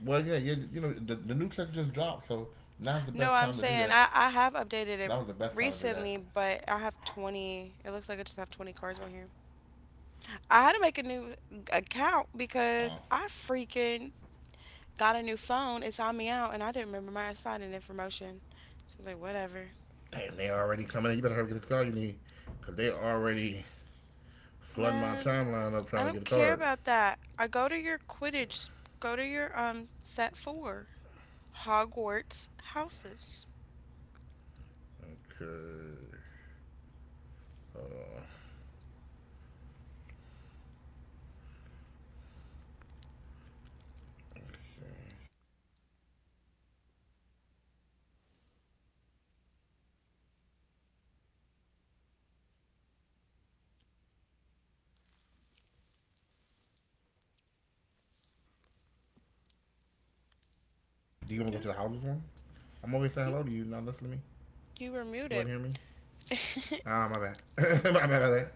Speaker 1: Well, yeah, the new clip just dropped, so now's the best
Speaker 2: No,
Speaker 1: time
Speaker 2: I'm
Speaker 1: to do
Speaker 2: saying
Speaker 1: that.
Speaker 2: I have updated it
Speaker 1: That was the best time to do
Speaker 2: recently,
Speaker 1: that.
Speaker 2: but I have 20. It looks like I just have 20 cards on here. I had to make a new account because I
Speaker 1: Uh,
Speaker 2: freaking got a new phone. It signed me out and I didn't remember my sign in information. So I was like, whatever.
Speaker 1: Damn, they already coming in. You better hurry get the card you need, because they already flooding
Speaker 2: Man,
Speaker 1: my
Speaker 2: I don't
Speaker 1: timeline up trying
Speaker 2: care
Speaker 1: to get a
Speaker 2: about
Speaker 1: card.
Speaker 2: that. I go to your Quidditch, go to your set four, Hogwarts houses.
Speaker 1: Okay. Uh, do you want to
Speaker 2: Do-
Speaker 1: go to the houses one? I'm always saying hello to you. Now listen to me.
Speaker 2: You were
Speaker 1: You want
Speaker 2: muted.
Speaker 1: to hear me?
Speaker 2: *laughs*
Speaker 1: My bad. *laughs* My bad, my bad.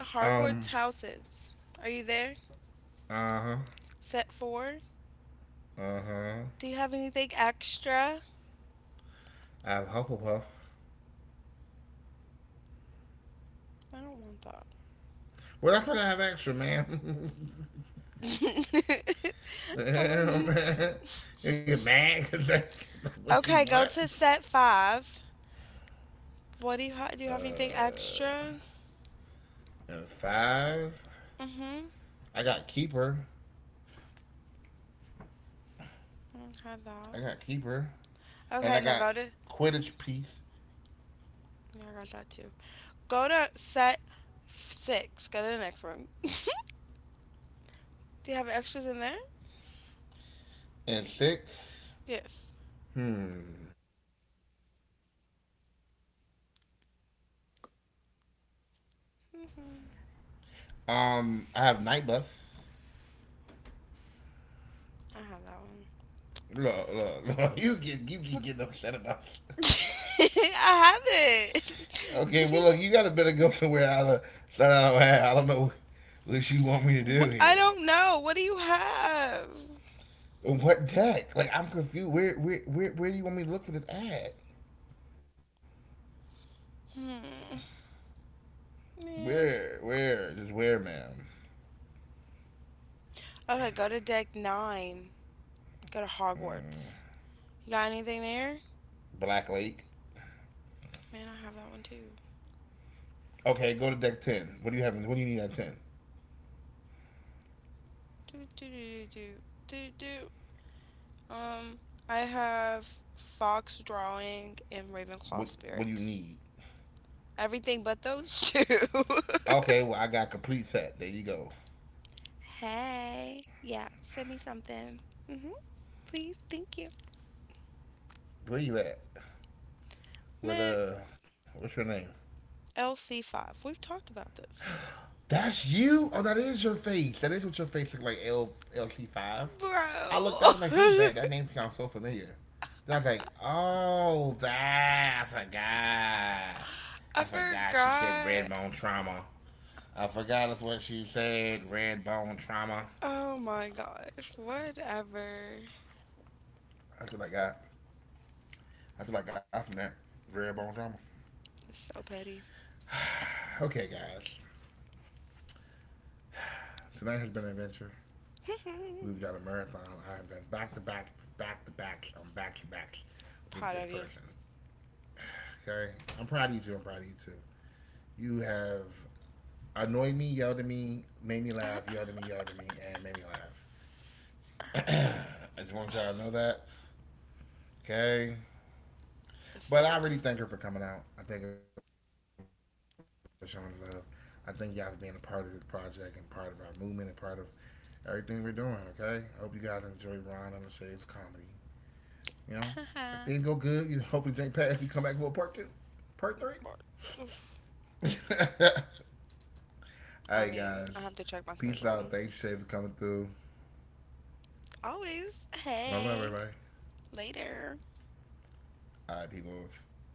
Speaker 2: Hogwarts
Speaker 1: Um,
Speaker 2: houses. Are you there?
Speaker 1: uh huh.
Speaker 2: Set four.
Speaker 1: Uh huh.
Speaker 2: Do you have anything extra?
Speaker 1: I have Hufflepuff.
Speaker 2: I don't want that.
Speaker 1: Well, that's what I have extra, man. *laughs*
Speaker 2: *laughs* I
Speaker 1: Damn, *laughs*
Speaker 2: want.
Speaker 1: man. You get mad because I get what you
Speaker 2: Okay,
Speaker 1: want.
Speaker 2: go to set five. What do you have? Do you
Speaker 1: Uh,
Speaker 2: have anything extra?
Speaker 1: and five,
Speaker 2: Mm-hmm.
Speaker 1: I got keeper.
Speaker 2: Have
Speaker 1: I
Speaker 2: that.
Speaker 1: got keeper, and
Speaker 2: Okay,
Speaker 1: I
Speaker 2: now
Speaker 1: got
Speaker 2: go to.
Speaker 1: Quidditch piece.
Speaker 2: Yeah, I got that too. Go to set six. Go to the next one. Do you have extras in there?
Speaker 1: And six,
Speaker 2: Yes. Hmm,
Speaker 1: I have night bus.
Speaker 2: I have that one.
Speaker 1: Look, look, *laughs* look. You keep getting upset about. *laughs*
Speaker 2: *laughs* I have it.
Speaker 1: Okay, well
Speaker 2: *laughs*
Speaker 1: look, you gotta better go somewhere out of that I don't have. I don't know what you want me to do
Speaker 2: I
Speaker 1: here.
Speaker 2: don't know. What do you have?
Speaker 1: What deck? Like I'm confused. Where do you want me to look for this ad?
Speaker 2: Hmm. Man.
Speaker 1: Where? Where? Just where, ma'am?
Speaker 2: Okay, go to deck nine. Go to
Speaker 1: Mm,
Speaker 2: Hogwarts. You got anything there?
Speaker 1: Black Lake.
Speaker 2: Man, I have that one too.
Speaker 1: Okay, go to deck 10. What do you have? What do you need at 10?
Speaker 2: Do do do do do do do. Um, I have Fox drawing and Ravenclaw
Speaker 1: What What do you
Speaker 2: spirits.
Speaker 1: need?
Speaker 2: Everything but those shoes.
Speaker 1: Okay, well I got complete set. There you go.
Speaker 2: *laughs* Hey, yeah, send me something. Hmm, please, thank you.
Speaker 1: Where you at? What
Speaker 2: Man,
Speaker 1: uh? What's your name?
Speaker 2: LC5. We've talked about this.
Speaker 1: That's you. Oh, that is your face. That is what your face looked like. L LC5. I looked. I was like, who's
Speaker 2: Bro,
Speaker 1: that? That name sounds so familiar. Then I was like, oh, that. I forgot.
Speaker 2: *laughs*
Speaker 1: I
Speaker 2: I
Speaker 1: forgot. She said red
Speaker 2: forgot.
Speaker 1: bone trauma. I forgot what she said. Red bone trauma.
Speaker 2: Oh my gosh, whatever.
Speaker 1: That's what I got. That's what I got from that. Red bone trauma.
Speaker 2: It's so petty.
Speaker 1: Okay, guys. Tonight has been an adventure. We've
Speaker 2: *laughs*
Speaker 1: done a marathon. I have done back to back, back to backs, on back to backs with
Speaker 2: Proud
Speaker 1: this
Speaker 2: of you.
Speaker 1: person. Okay, I'm proud of you too. I'm proud of you too. You have annoyed me, yelled at me, made me laugh,
Speaker 2: Uh-huh.
Speaker 1: yelled at me, and made me laugh. *clears throat* I just want y'all to know that. Okay,
Speaker 2: The
Speaker 1: but I really
Speaker 2: fibs.
Speaker 1: thank her for coming out. I thank her for showing love. I thank y'all for being a part of the project and part of our movement and part of everything we're doing, okay? I hope you guys enjoy Ron on the Shades comedy. You know? If things go
Speaker 2: Uh-huh.
Speaker 1: good, you hopefully Jake Pass we come back for a part two. Part three.
Speaker 2: But, oof.
Speaker 1: *laughs*
Speaker 2: I
Speaker 1: Alright
Speaker 2: mean, I
Speaker 1: guys.
Speaker 2: have to check my schedule.
Speaker 1: Peace out. Thanks, Shay, for coming through.
Speaker 2: Always. Hey,
Speaker 1: One love everybody.
Speaker 2: later.
Speaker 1: Alright, people.